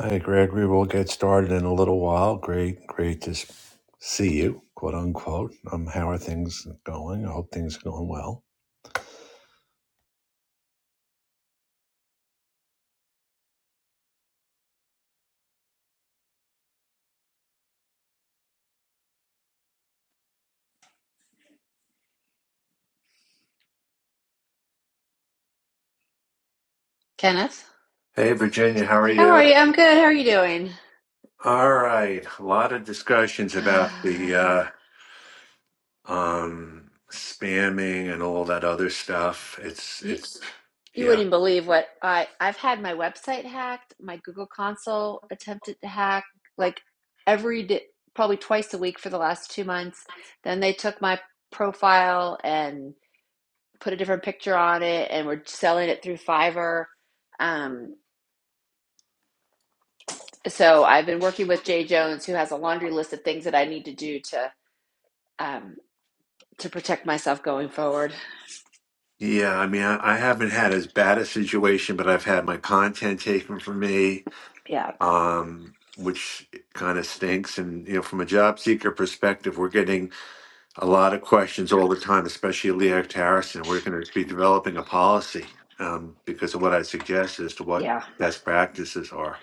Hi, Gregory. We'll get started in a little while. Great, great to s- see you, quote unquote. Um, how are things going? I hope things are going well. Kenneth, Hey, Virginia, how are how are you? you? I'm good. How are you doing? All right. A lot of discussions about the uh, um, spamming and all that other stuff. It's, You it's, you yeah. wouldn't believe what I I've had my website hacked, my Google Console attempted to hack like every day, probably twice a week for the last two months. Then they took my profile and put a different picture on it, and we're selling it through Fiverr. Um, so I've been working with Jay Jones, who has a laundry list of things that I need to do to um, to protect myself going forward. Yeah, I mean, I, I haven't had as bad a situation, but I've had my content taken from me. Yeah, Um, which kind of stinks and you know from a job seeker perspective we're getting a lot of questions all the time, especially Leah Harrison. We're going to be developing a policy um, because of what I suggest as to what yeah. best practices are.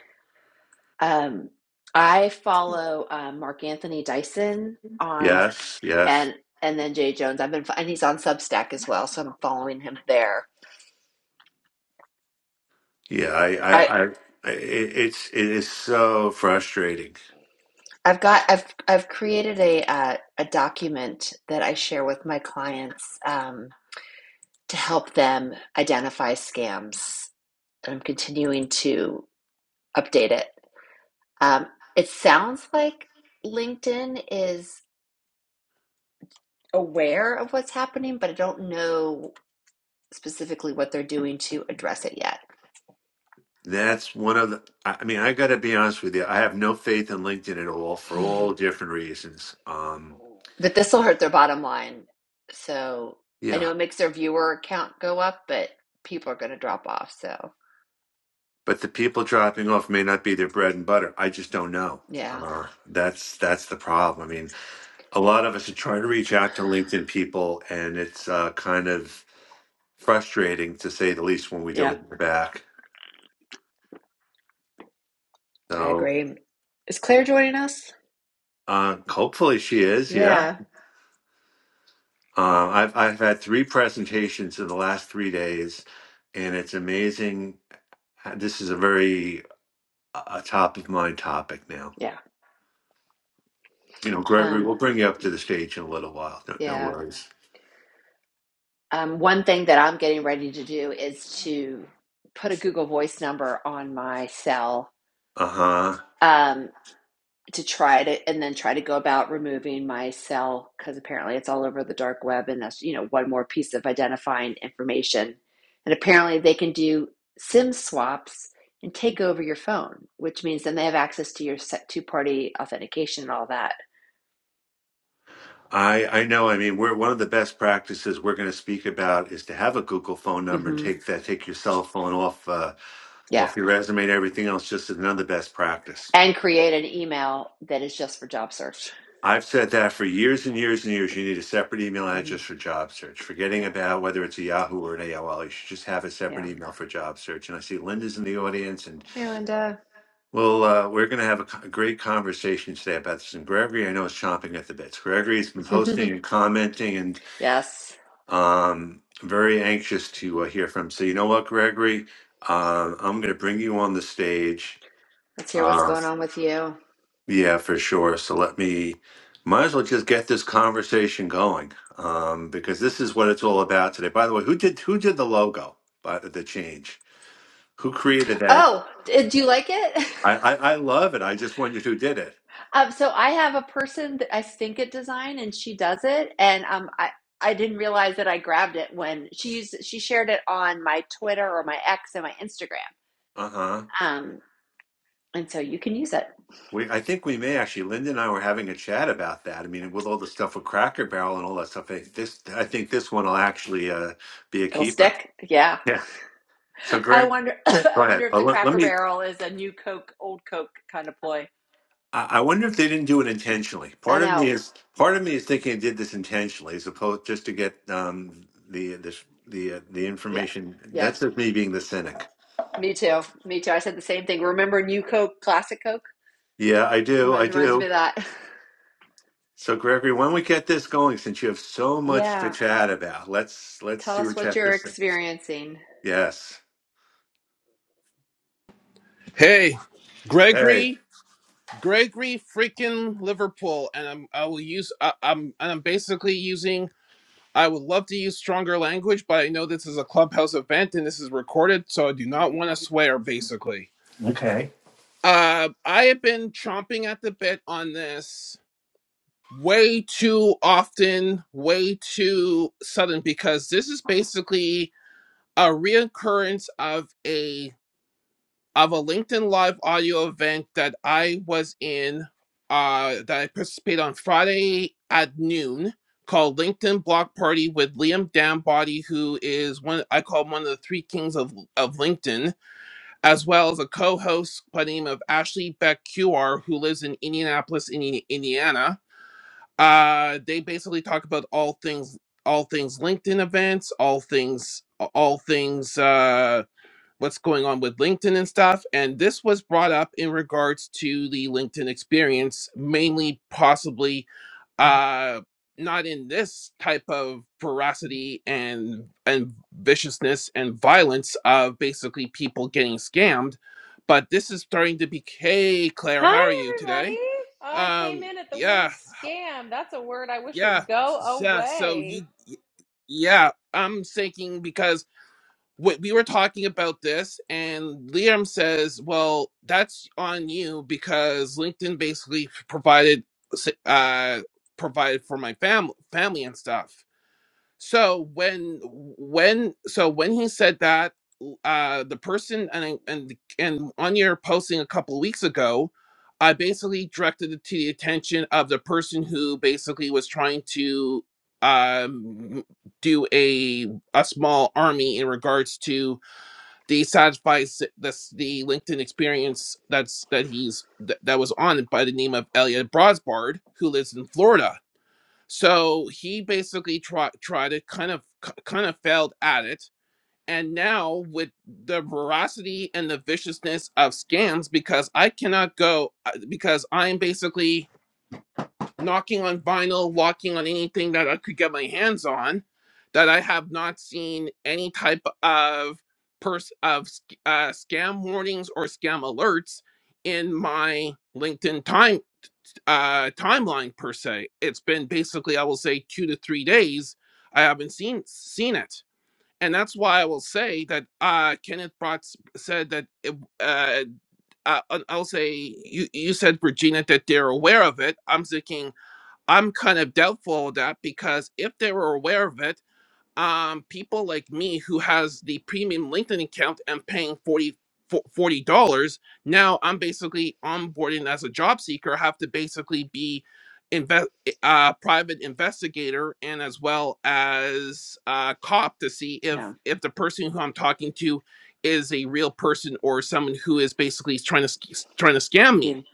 Um, I follow uh, Mark Anthony Dyson on Yes, yes, and and then Jay Jones. I've been and he's on Substack as well, so I'm following him there. yeah. I, I I, I i it's it is so frustrating. I've got I've I've created a uh, a document that I share with my clients um, to help them identify scams, and I'm continuing to update it. Um, it sounds like LinkedIn is aware of what's happening, but I don't know specifically what they're doing to address it yet. That's one of the. I I mean, I got to be honest with you. I have no faith in LinkedIn at all for all different reasons. Um, But this will hurt their bottom line. So I know yeah, it makes their viewer count go up, but people are going to drop off. So but the people dropping off may not be their bread and butter. I just don't know. yeah, Uh, that's that's the problem. I mean, a lot of us are trying to reach out to LinkedIn people, and it's uh, kind of frustrating to say the least when we Yeah. don't hear back. I So agree. Is Claire joining us? uh, hopefully she is. Yeah, Yeah. uh, I've I've had three presentations in the last three days, and it's amazing. Uh, This is a very uh, top of mind topic now. Yeah. You know, Gregory, Um, we'll bring you up to the stage in a little while. No, no yeah. worries. Um, one thing that I'm getting ready to do is to put a Google Voice number on my cell. Uh huh. Um, to try to and then try to go about removing my cell because apparently it's all over the dark web and that's you know one more piece of identifying information and apparently they can do sim swaps and take over your phone which means then they have access to your set two party authentication and all that I, I know. I mean, we're one of the best practices we're going to speak about is to have a Google phone number and hmm take that, take your cell phone off, uh, yeah off your resume and everything else. Just as another best practice. and create an email that is just for job search I've said that for years and years and years. You need a separate email address hmm for job search. Forgetting yeah about whether it's a Yahoo or an AOL, you should just have a yeah separate email for job search. And I see Linda's in the audience, and hey linda well, uh, we're going to have a, co- a great conversation today about this. And Gregory, I know is chomping at the bits. Gregory's been posting and commenting, yes Um, very anxious to uh, hear from. So you know what, Gregory, uh, I'm going to bring you on the stage. let's hear what's Uh, going on with you yeah, for sure. So let me. Might as well just get this conversation going um, because this is what it's all about today. By the way, who did who did the logo? By the the change, who created that? oh do you like it I, I I love it. I just wondered who did it. Um, so I have a person that I stink at design, and she does it. And um, I I didn't realize that I grabbed it when she used she shared it on my Twitter or my X and my Instagram. Uh huh. Um, and so you can use it; We, I think we may actually. Linda and I were having a chat about that. I mean, with all the stuff with Cracker Barrel and all that stuff, I- this I think this one will actually uh, be a it'll keeper. stick. Yeah, Yeah. So, I Greg, wonder. I go wonder ahead. if Uh, the let, let Cracker me. Barrel is a new Coke, old Coke kind of ploy. I I wonder if they didn't do it intentionally. I Part of me know. is part of me is thinking they did this intentionally, as opposed just to get um, the the the uh, the Yeah, information. yeah. That's just me being the cynic. Me too. Me too. I said the same thing. Remember New Coke, Classic Coke? Yeah, I do. I Reminds reminds me do. of that. So, Gregory, when we get this going, since you have so much to Yeah. chat about, let's let's Tell see us what you what have you're to say. experiencing. Yes. Hey, Hey, Gregory, Gregory, freaking Liverpool, and I'm I will use I, I'm and I'm basically using. I would love to use stronger language, but I know this is a clubhouse event and this is recorded, so I do not want to swear. Basically, uh, I have been chomping at the bit on this way too often, way too sudden, because this is basically a reoccurrence of a. of a LinkedIn Live audio event that I was in, uh, that I participated on Friday at noon, called LinkedIn Block Party with Liam Dambody, who is one I call one of the three kings of of LinkedIn, as well as a co-host by the name of Ashley Beck QR, who lives in Indianapolis, Indi- Indiana. Uh, they basically talk about all things all things LinkedIn events, all things all things. Uh, what's going on with LinkedIn and stuff. And this was brought up in regards to the LinkedIn experience, mainly possibly uh not in this type of ferocity and and viciousness and violence of basically people getting scammed, but this is starting to be hey Claire, how are Hi, you today? everybody. Oh, I came Um in at the word yeah, scam. That's a word I wish would yeah, go yeah. So you away. yeah, I'm thinking because Wait, we were talking about this, and Liam says, "Well, that's on you because LinkedIn basically provided uh, provided for my family, family and stuff." so when when so when he said that uh the person and I- and and on your posting a couple weeks ago i basically directed it to the attention of the person who basically was trying to um do a a small army in regards to the satisfy the, s- the linkedin experience that's that he's that, that was on it by the name of elliot brosbard who lives in florida so he basically tried tried to kind of kind of failed at it, and now with the veracity and the viciousness of scams, because I cannot go uh, because I'm basically knocking on vinyl, walking on anything that I could get my hands on, that I have not seen any type of pers- of sc- uh, scam warnings or scam alerts in my LinkedIn timeline uh timeline per se. It's been basically I will say 2 to 3 days I haven't seen seen it. And that's why I will say that uh Kenneth Bratz said that it, uh, uh and I'll say you you said Regina that they're aware of it. I'm thinking I'm kind of doubtful of that because if they were aware of it um, people like me who has the premium LinkedIn account and paying forty forty dollars, now I'm basically onboarding as a job seeker. I have to basically be invest uh, private investigator and as well as uh, cop to see if Yeah. if the person who I'm talking to is a real person or someone who is basically trying to sc- trying to scam Excuse me. me.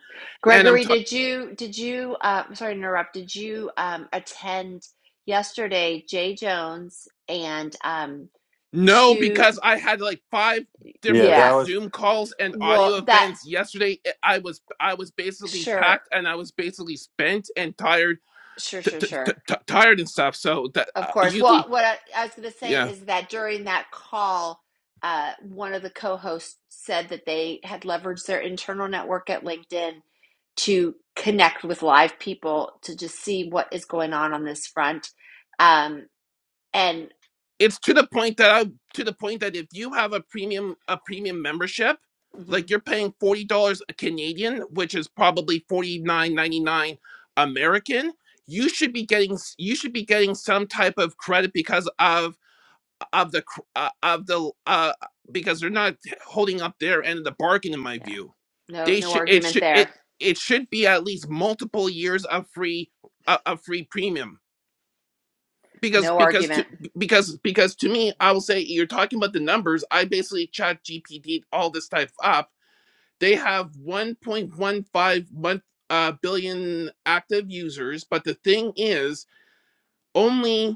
And I'm Gregory, did you did you uh, I'm sorry to interrupt. Did you um, attend yesterday Jay Jones and um No, two because I had like five yeah, that yeah. different was Zoom calls and audio Well, that events yesterday. I I was I was basically sure, packed and I was basically spent and tired, sure, t- sure, t- t- sure. t- tired and stuff. So that Of uh, course. usually, Well, what I, I was going to say yeah, is that during that call, uh, one of the co-hosts said that they had leveraged their internal network at LinkedIn to connect with live people to just see what is going on on this front. Um, and it's to the point that I to the point that if you have a premium a premium membership, hmm like you're paying forty dollars Canadian, which is probably forty nine ninety nine American. You should be getting s- you should be getting some type of credit because of of the cr- uh, of the uh because they're not holding up their end of the bargain in my Yeah. view No, they no should it argument should it there. it should be at least multiple years of free uh, of free premium because No because to argument. because because to me i will say you're talking about the numbers i basically chat gpt all this stuff up they have 1.15 month uh, billion active users but the thing is only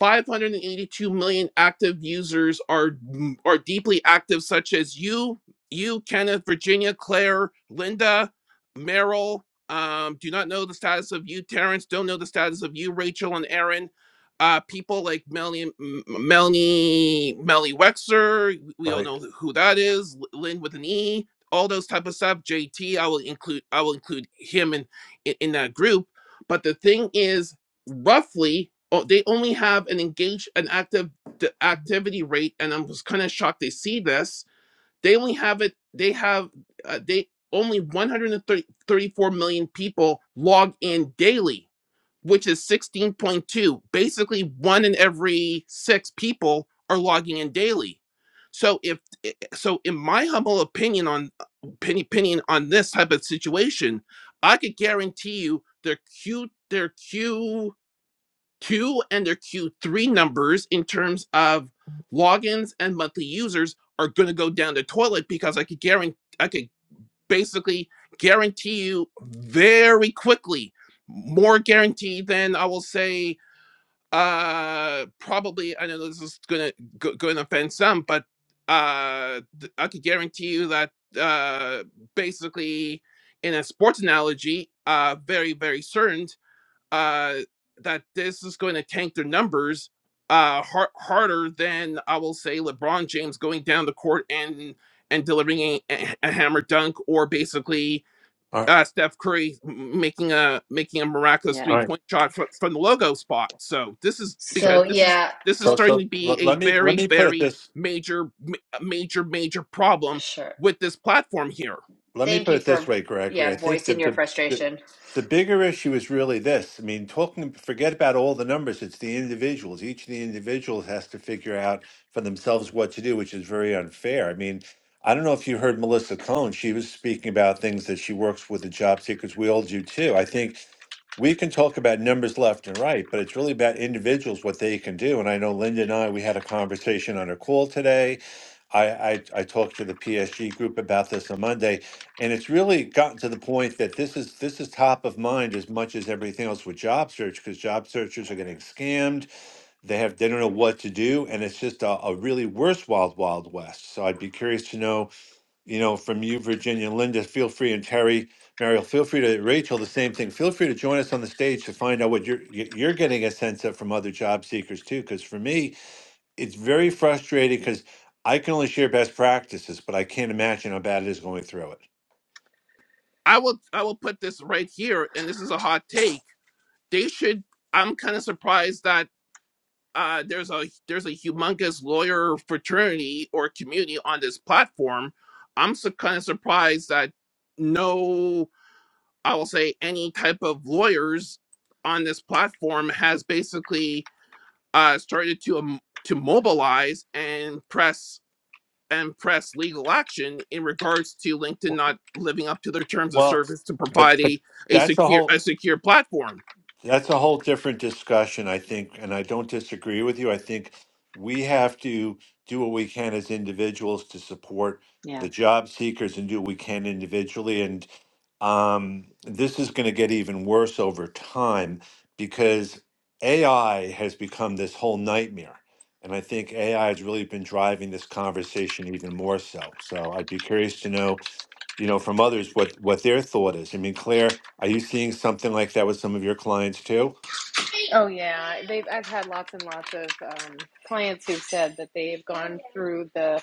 582 million active users are mm, are deeply active, such as you, you, Kenneth, Virginia, Claire, Linda, Merrill. Um, do not know the status of you, Terrence. Don't know the status of you, Rachel and Aaron. Uh, people like Melanie, M- M- Melanie, Melanie Wexer. We all right. know who that is. L- Lynn with an E. All those type of stuff. JT. I will include. I will include him in in, in that group. But the thing is, roughly oh, they only have an engaged an active d- activity rate and i'm just kind of shocked they see this they only have it they have uh, they only 134 million people log in daily which is 16.2 basically one in every six people are logging in daily so if i- i- so in my humble opinion on opinion opinion on this type of situation i could guarantee you their q their q Q and their Q3 numbers in terms of logins and monthly users are going to go down the toilet because I could guarantee, I could basically guarantee you very quickly, more guarantee than I will say, uh, probably, I know this is going to, going to offend some, but, uh, th- I could guarantee you that, uh, basically in a sports analogy, uh, very, very certain uh, that this is going to tank their numbers uh, har- harder than I will say LeBron James going down the court and and delivering a, a a hammer dunk, or basically All right. uh, Steph Curry m- making a making a miraculous All three Yeah. right. point shot from, from the logo spot. So this is So, because So this is yeah, this is so, well, starting so to be let, a let me let very me put it very this. major ma- major major problem sure. with this platform here. Let me Thank put you it this for way, Gregory. I yeah think voicing that your the, the frustration. the bigger issue is really this. I mean, talking forget about all the numbers. It's the individuals. Each of the individuals has to figure out for themselves what to do, which is very unfair. I mean, I don't know if you heard Melissa Cohn. She was speaking about things that she works with the job seekers. We all do too. I think we can talk about numbers left and right, but it's really about individuals, what they can do. And I know Linda and I, we had a conversation on a call today. I, I, I talked to the PSG group about this on Monday. And it's really gotten to the point that this is this is top of mind as much as everything else with job search because job searchers are getting scammed. They have they don't know what to do, and it's just a, a really worse wild wild west. So I'd be curious to know, you know, from you, Virginia, Linda, feel free, and Terry, Mariel, feel free to Rachel, the same thing. Feel free to join us on the stage to find out what you're y- you're getting a sense of from other job seekers too. Because for me, it's very frustrating because I can only share best practices, but I can't imagine how bad it is going through it. I will I will put this right here, and this is a hot take they should i'm kind of surprised that uh, there's a there's a humongous lawyer fraternity or community on this platform i'm so kind of surprised that no i will say any type of lawyers on this platform has basically uh, started to um, to mobilize and press and press legal action in regards to linkedin not living up to their terms of Well, service to but provide but a, a that's the secure whole a secure platform That's a whole different discussion, I think, and I don't disagree with you. I think we have to do what we can as individuals to support Yeah. the job seekers and do what we can individually. And um, this is going to get even worse over time because AI has become this whole nightmare. And I think AI has really been driving this conversation even more so. So I'd be curious to know you know, from others what what their thought is. I mean, Claire, are you seeing something like that with some of your clients too? Oh, yeah. They've, I've had lots and lots of um, clients who've said that they've gone through the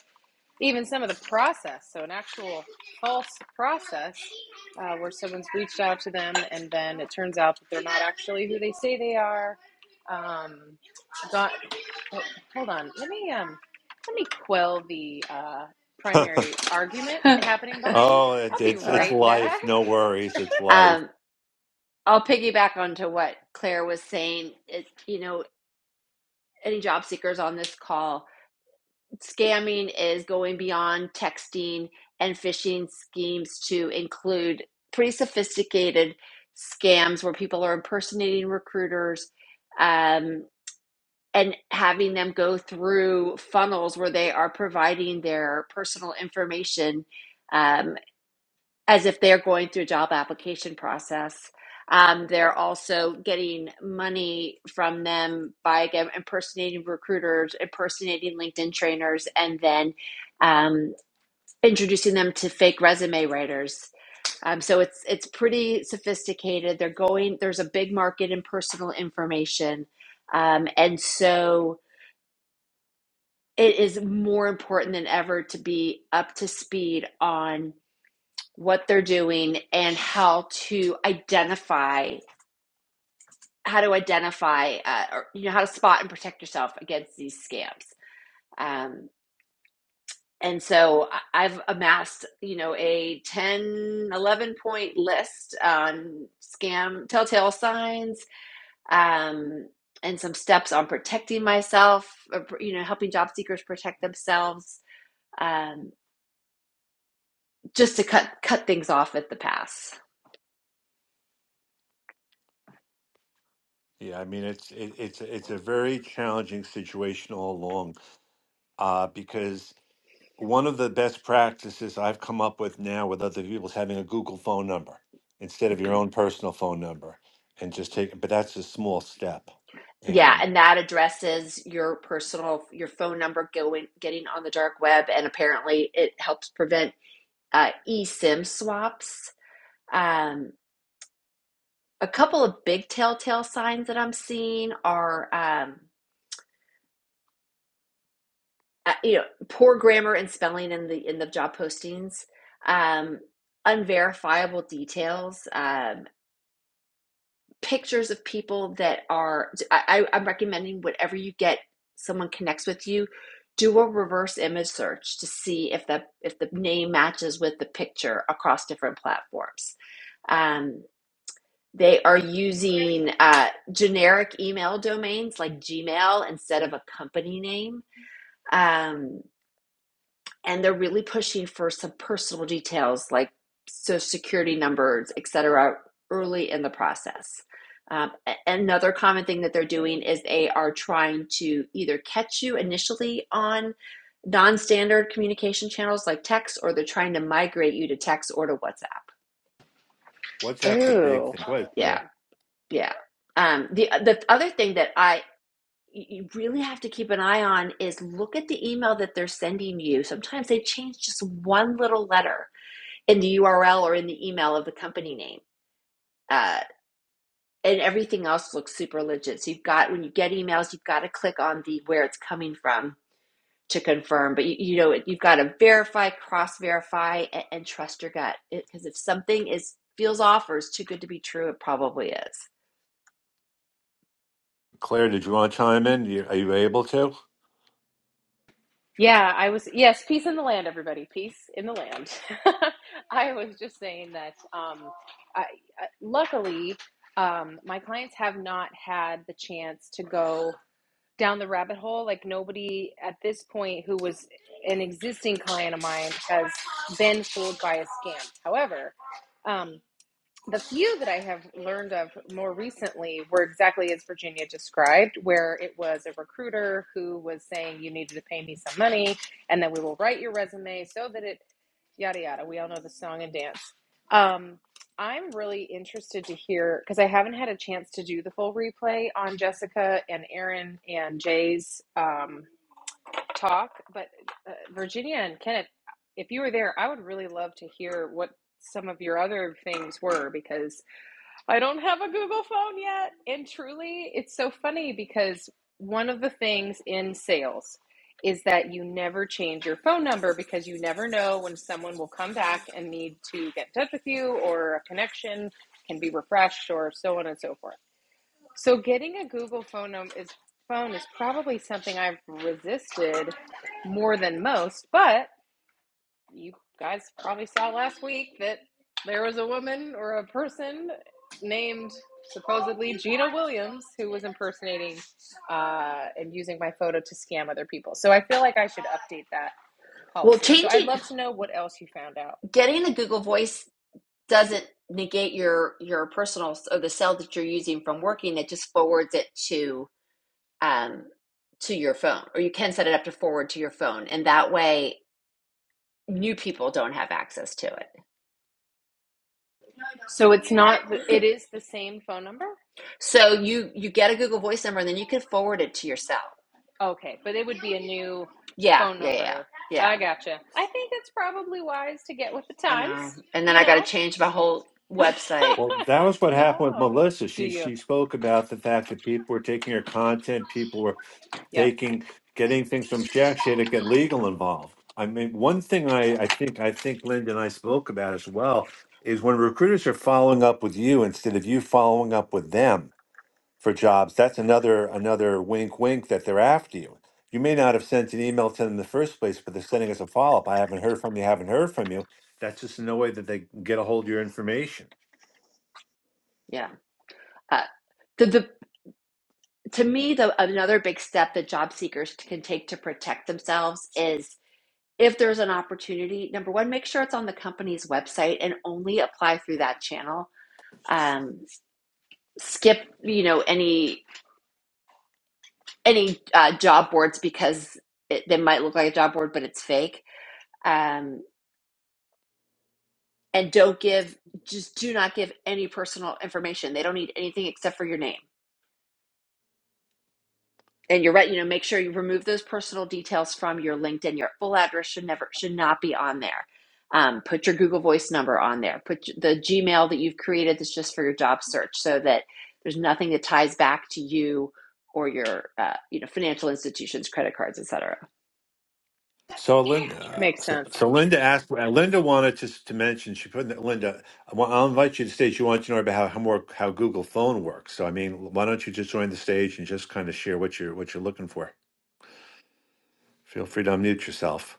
even some of the process. So, an actual false process uh, where someone's reached out to them and then it turns out that they're not actually who they say they are. Um, got, Well, hold on. Let me um let me quell the uh primary argument happening behind me. oh, it, I'll be it's Uh, it's right life. back. No worries. It's life. um, I'll piggyback onto what Claire was saying. It, you know, any job seekers on this call, scamming is going beyond texting and phishing schemes to include pretty sophisticated scams where people are impersonating recruiters. Um. and having them go through funnels where they are providing their personal information um, as if they're going through a job application process. Um, they're also getting money from them by again, impersonating recruiters, impersonating LinkedIn trainers, and then um, introducing them to fake resume writers. Um, so it's it's pretty sophisticated. They're going. There's a big market in personal information, um, and so it is more important than ever to be up to speed on what they're doing and how to identify how to identify uh, or you know how to spot and protect yourself against these scams um, and so I- have amassed you know a ten, eleven point list on scam telltale signs um, and some steps on protecting myself or, you know helping job seekers protect themselves Um, just to cut cut things off at the pass. Yeah, I mean, it's it, it's it's a very challenging situation all along, uh, because one of the best practices I've come up with now with other people is having a Google phone number instead of your Mhm. own personal phone number and just take but that's a small step. Yeah, And and that addresses your personal your phone number going getting on the dark web, and apparently it helps prevent uh, eSIM swaps. Um, a couple of big telltale signs that I'm seeing are um, uh, you know poor grammar and spelling in the in the job postings, um, unverifiable details. Um, pictures of people that are I, I- am recommending whatever you get someone connects with you do a reverse image search to see if the if the name matches with the picture across different platforms um, they are using uh, generic email domains like gmail instead of a company name Um, and they're really pushing for some personal details like social security numbers, et cetera, early in the process. Um, another common thing that they're doing is they are trying to either catch you initially on non standard communication channels like text, or they're trying to migrate you to text or to WhatsApp. WhatsApp's a big Ooh. thing. Go ahead, Yeah, Claire. yeah. Um, the, the other thing that I you really have to keep an eye on is look at the email that they're sending you. Sometimes they change just one little letter in the URL or in the email of the company name. Uh, and everything else looks super legit. So you've got when you get emails, you've got to click on the where it's coming from to confirm. But you, you know you've got to verify, cross verify, and, and trust your gut because if something is feels off or is too good to be true, it probably is. Claire, did you want to chime in? You- Are you able to? Yeah, I was yes, peace in the land everybody. Peace in the land. I was just saying that um I, I luckily um my clients have not had the chance to go down the rabbit hole like nobody at this point who was an existing client of mine has been fooled by a scam. However, um. The few that I have learned of more recently were exactly as Virginia described, where it was a recruiter who was saying, You needed to pay me some money, and then we will write your resume so that it yada yada. We all know the song and dance. Um, I'm really interested to hear because I haven't had a chance to do the full replay on Jessica and Aaron and Jay's um, talk, but uh, Virginia and Kenneth, if you were there, I would really love to hear what some of your other things were because I don't have a Google phone yet. And truly, it's so funny because one of the things in sales is that you never change your phone number because you never know when someone will come back and need to get in touch with you or a connection can be refreshed or so on and so forth. So getting a Google phone num- is phone is probably something I've resisted more than most, but you guys probably saw last week that there was a woman or a person named supposedly Gina Williams who was impersonating uh, and using my photo to scam other people. So I feel like I should update that Well, policy. So I'd changing, love to know what else you found out. getting the Google Voice doesn't negate your your personal or the cell that you're using from working. It just forwards it to um, to your phone, or you can set it up to forward to your phone, and that way new people don't have access to So it's not, it it. is the same phone number? so you you get a Google Voice number, and then you can forward it to yourself. Okay, but it would be a new Yeah, phone yeah, yeah, number. I yeah. gotcha. I think it's probably wise to get with the I times, know. And then you I got to know? change my whole website. Well, that was what happened with no. Melissa. Do She you? she spoke about the fact that people were taking her content, people were Yeah. taking getting things from Shack Share to get legal involved. I mean, one thing I, I think I think Linda and I spoke about as well is when recruiters are following up with you instead of you following up with them for jobs. That's another another wink, wink that they're after you. You may not have sent an email to them in the first place, but they're sending us a follow up. I haven't heard from you. Haven't heard from you. That's just another way that they get a hold of your information. Yeah. Uh, the the to me the another big step that job seekers can take to protect themselves is if there's an opportunity number one make sure it's on the company's website and only apply through that channel Um. skip you know any any uh, job boards because it, they might look like a job board but it's fake um, and don't give just do not give any personal information they don't need anything except for your name and you're right you know make sure you remove those personal details from your linkedin your full address should never should not be on there um, put your google voice number on there put the gmail that you've created that's just for your job search so that there's nothing that ties back to you or your uh, you know financial institutions credit cards etc So Linda, Makes so, sense. so Linda asked. uh, Linda wanted to to mention. She put in that- Linda. I want, I'll invite you to stage. You want to know about how how, more, how Google Phone works. So I mean, why don't you just join the stage and just kind of share what you're what you're looking for? Feel free to unmute yourself.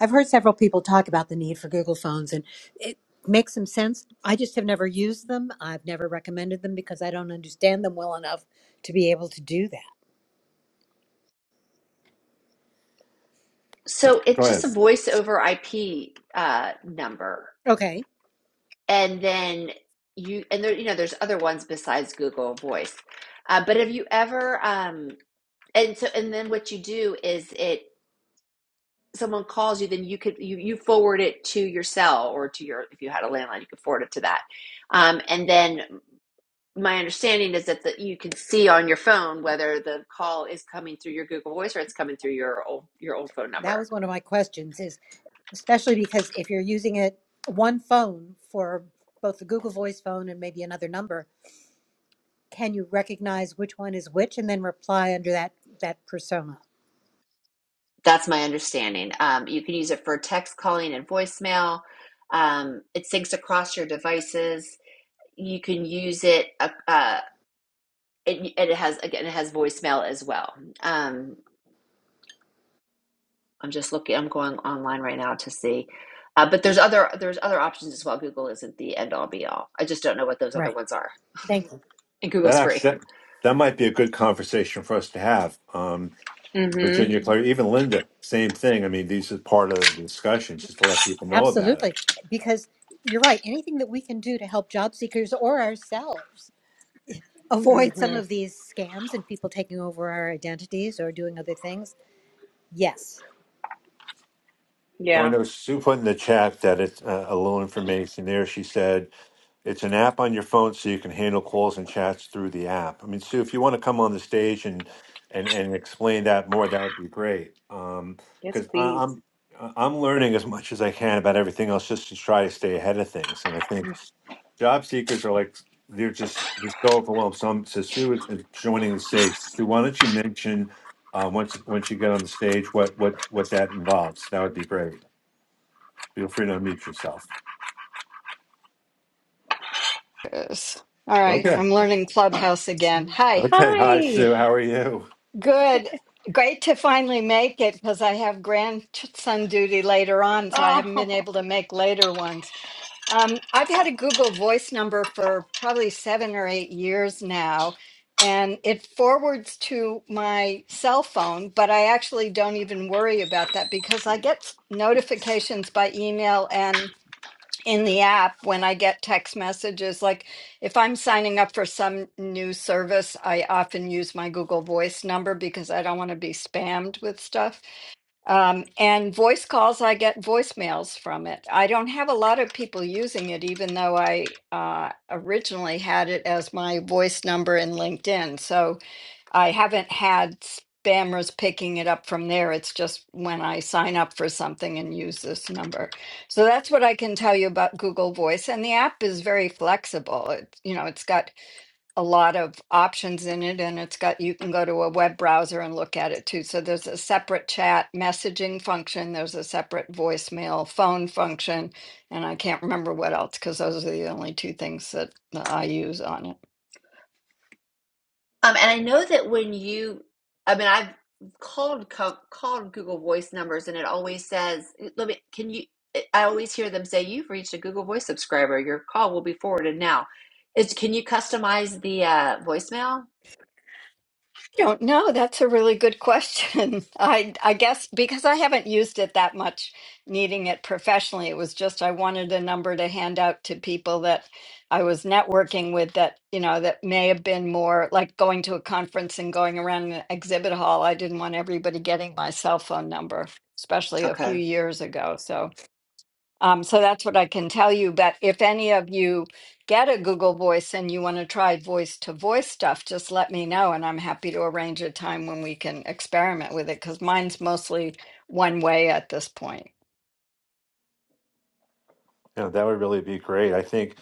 I've heard several people talk about the need for Google phones, and it makes some sense. I just have never used them. I've never recommended them because I don't understand them well enough to be able to do that. So Go it's just ahead. a voice over IP uh, number, Okay, and then you and there you know there's other ones besides Google Voice. Uh, but have you ever um, and so and then what you do is it someone calls you, then you could you you forward it to your cell or to your if you had a landline, you could forward it to that. Um, and then my understanding is that the, you can see on your phone whether the call is coming through your Google Voice or it's coming through your old your old phone that number. was one of my questions. Is especially because if you're using it one phone for both the Google Voice phone and maybe another number, can you recognize which one is which and then reply under that that persona? That's my understanding. Um, you can use it for text calling and voicemail. Um, it syncs across your devices. You can use it. Uh, uh, it, it has again. It has voicemail as well. Um, I'm just looking. I'm going online right now to see. Uh, but there's other there's other options as well. Google isn't the end all be all. I just don't know what those other Right. ones are. Thank you. And That Google's free. actually that, that might be a good conversation for us to have. Um, Mm-hmm. Virginia, Claire, even Linda, same thing. I mean, these are part of the discussion, just to let people know about it. Absolutely, because you're right. Anything that we can do to help job seekers or ourselves avoid some Mm-hmm. of these scams and people taking over our identities or doing other things? Yes. So I Yeah. know Sue put in the chat that it's uh, a little information there. She said it's an app on your phone, so you can handle calls and chats through the app. I mean, Sue, if you want to come on the stage and and and explain that more, that would be great. Um, Yes, because please. I'm I- I'm learning as much as I can about everything else, just to try to stay ahead of things. And I think job seekers are like they're just they're so overwhelmed. So, I'm, so Sue is is joining the stage. Sue, why don't you mention uh, once once you get on the stage what what what that involves? That would be great. Feel free to unmute yourself. Yes. All right, Okay. I'm learning Clubhouse again. Hi, Okay. Hi, Hi. Sue. How are you? good. Great to finally make it because I have grandson duty later on, so I Oh. haven't been able to make later ones. Um, I've had a Google Voice number for probably seven or eight years now, and it forwards to my cell phone, but I actually don't even worry about that because I get notifications by email and in the app when I get text messages. Like if I'm signing up for some new service, I often use my Google Voice number because I don't want to be spammed with stuff. Um, and voice calls, I get voicemails from it. I don't have a lot of people using it, even though I uh, originally had it as my voice number in LinkedIn. So I haven't had spammers picking it up from there. It's just when I sign up for something and use this number. So that's what I can tell you about Google Voice. And the app is very flexible. It, you know, it's got a lot of options in it and it's got you can go to a web browser and look at it too. So there's a separate chat messaging function, there's a separate voicemail phone function, and I can't remember what else because those are the only two things that I use on it. Um, and I know that when you, I mean, I've called co called Google Voice numbers, and it always says, "Let me." Can you? eh, I always hear them say, "You've reached a Google Voice subscriber. Your call will be forwarded now." It's can you customize the uh, voicemail? don't know. That's a really good question. I I guess because I haven't used it that much, needing it professionally. It was just I wanted a number to hand out to people that I was networking with that, you know, that may have been more like going to a conference and going around an exhibit hall. I didn't want everybody getting my cell phone number, especially a few Okay, years ago. So. Um, so that's what I can tell you. But if any of you get a Google Voice and you want to try voice to voice stuff, just let me know. And I'm happy to arrange a time when we can experiment with it because mine's mostly one way at this point. Yeah, that would really be great. I think,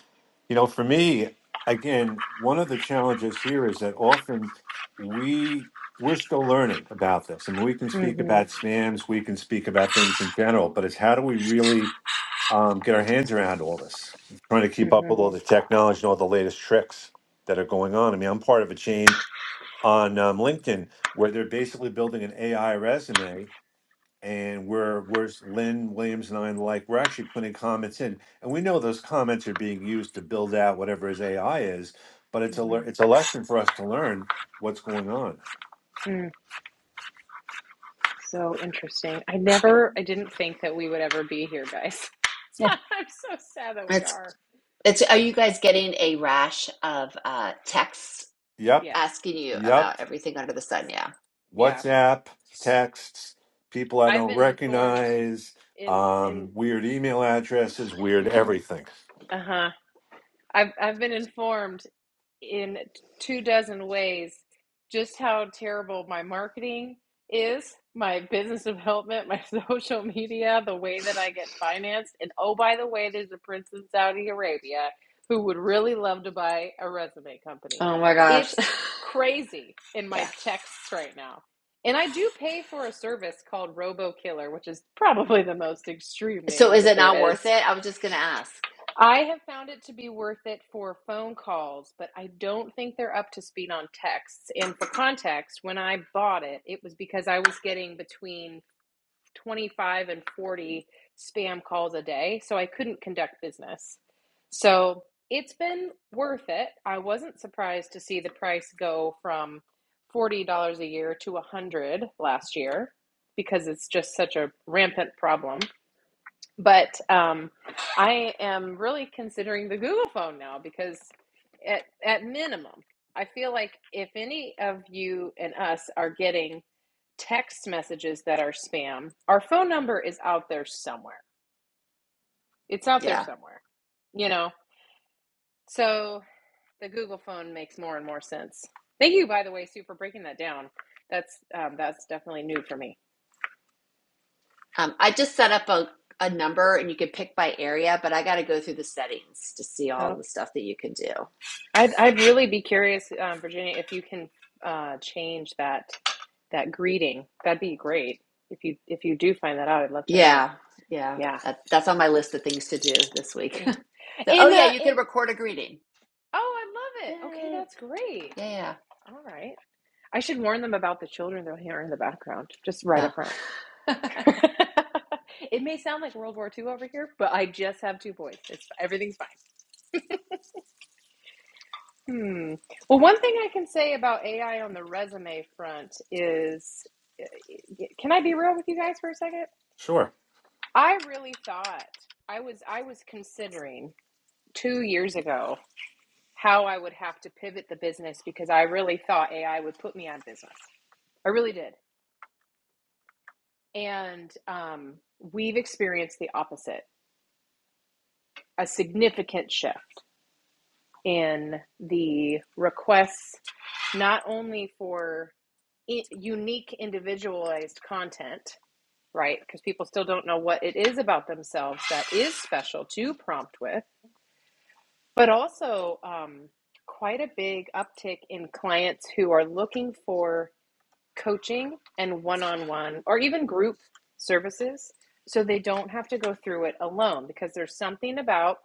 you know, for me, again, one of the challenges here is that often we we're still learning about this, and we can speak Mm-hmm. about spams, we can speak about things in general, but it's how do we really um, get our hands around all this? Trying to keep up Mm-hmm. with all the technology and all the latest tricks that are going on. I mean, I'm part of a chain on um, LinkedIn where they're basically building an AI resume and we're we're Lynn Williams and I and the like, we're actually putting comments in, and we know those comments are being used to build out whatever his AI is, but it's a lear- Mm-hmm. it's a lesson for us to learn what's going on. Mm. So interesting. I never, I didn't think that we would ever be here, guys. Yeah. I'm so sad that we it's are. it's. Are you guys getting a rash of uh, texts Yep, Yes. asking you yep. about everything under the sun? Yeah, Yeah. WhatsApp texts, people I I've don't been informed recognize, in um, in weird email addresses, weird yeah. everything. uh-huh. I've I've been informed in two dozen ways just how terrible my marketing is, my business development, my social media, the way that I get financed. And oh, by the way, there's a prince in Saudi Arabia who would really love to buy a resume company. Oh my gosh. It's crazy in my Yeah. texts right now. And I do pay for a service called Robo Killer, which is probably the most extreme So name is that it there not is. worth it? I was just gonna ask. I have found it to be worth it for phone calls, but I don't think they're up to speed on texts. And for context, when I bought it, it was because I was getting between 25 and 40 spam calls a day, so I couldn't conduct business. So it's been worth it. I wasn't surprised to see the price go from $40 a year to 100 last year because it's just such a rampant problem. But um, I am really considering the Google phone now because, at, at minimum, I feel like if any of you and us are getting text messages that are spam, our phone number is out there somewhere. It's out there Yeah. somewhere, you know? So the Google phone makes more and more sense. Thank you, by the way, Sue, for breaking that down. That's um, that's definitely new for me. Um, I just set up a, a number and you can pick by area, but I got to go through the settings to see Oh, all the stuff that you can do. I'd, I'd really be curious, um, Virginia, if you can uh, change that that greeting. That'd be great if you if you do find that out. I'd love to know. Yeah, yeah. Yeah. That, that's on my list of things to do this week. Yeah. so, oh, In yeah, uh you can in record a greeting. oh, I love it. Okay, Yay. that's great. Yeah, All right. I should warn them about the children they'll hear in the background, just right yeah. up front. Oh. it may sound like World War Two over here, but I just have two boys. It's everything's fine. Hmm. Well, one thing I can say about AI on the resume front is, can I be real with you guys for a second? Sure. I really thought I was I was considering two years ago how I would have to pivot the business because I really thought AI would put me out of business. I really did. And um, we've experienced the opposite a significant shift in the requests, not only for i- unique individualized content, right? Because people still don't know what it is about themselves that is special to prompt with, but also um, quite a big uptick in clients who are looking for coaching and one on one or even group services so they don't have to go through it alone because there's something about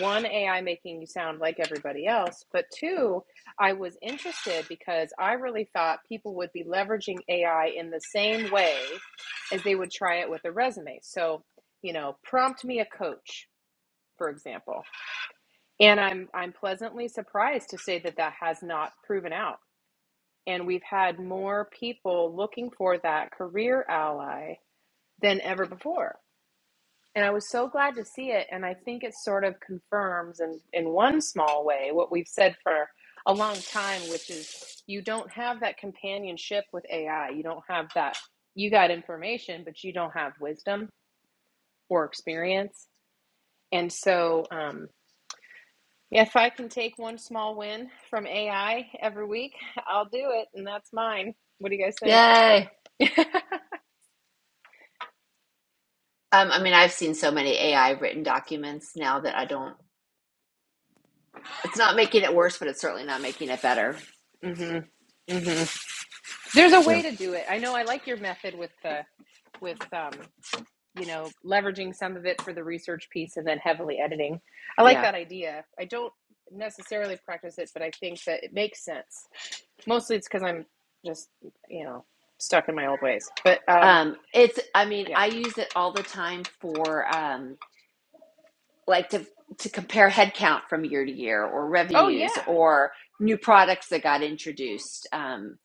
one AI making you sound like everybody else, but two, I was interested because I really thought people would be leveraging AI in the same way as they would try it with a resume. So, you know, prompt me a coach, for example. And I'm I'm pleasantly surprised to say that that has not proven out and we've had more people looking for that career ally than ever before. And I was so glad to see it. And I think it sort of confirms, in, in one small way, what we've said for a long time, which is you don't have that companionship with AI. You don't have that, you got information, but you don't have wisdom or experience. And so, um, yeah, if I can take one small win from AI every week, I'll do it. And that's mine. What do you guys think? Yay. Um, I mean, I've seen so many AI written documents now that I don't, it's not making it worse, but it's certainly not making it better. hmm hmm There's a way to do it. I know. I like your method with the with um, you know leveraging some of it for the research piece and then heavily editing. I like Yeah. that idea. I don't necessarily practice it, but I think that it makes sense. Mostly, it's because I'm just you know stuck in my old ways. But um, Um, it's, I mean, yeah. I use it all the time for, um, like to to compare headcount from year to year or Oh revenues yeah, or new products that got introduced um,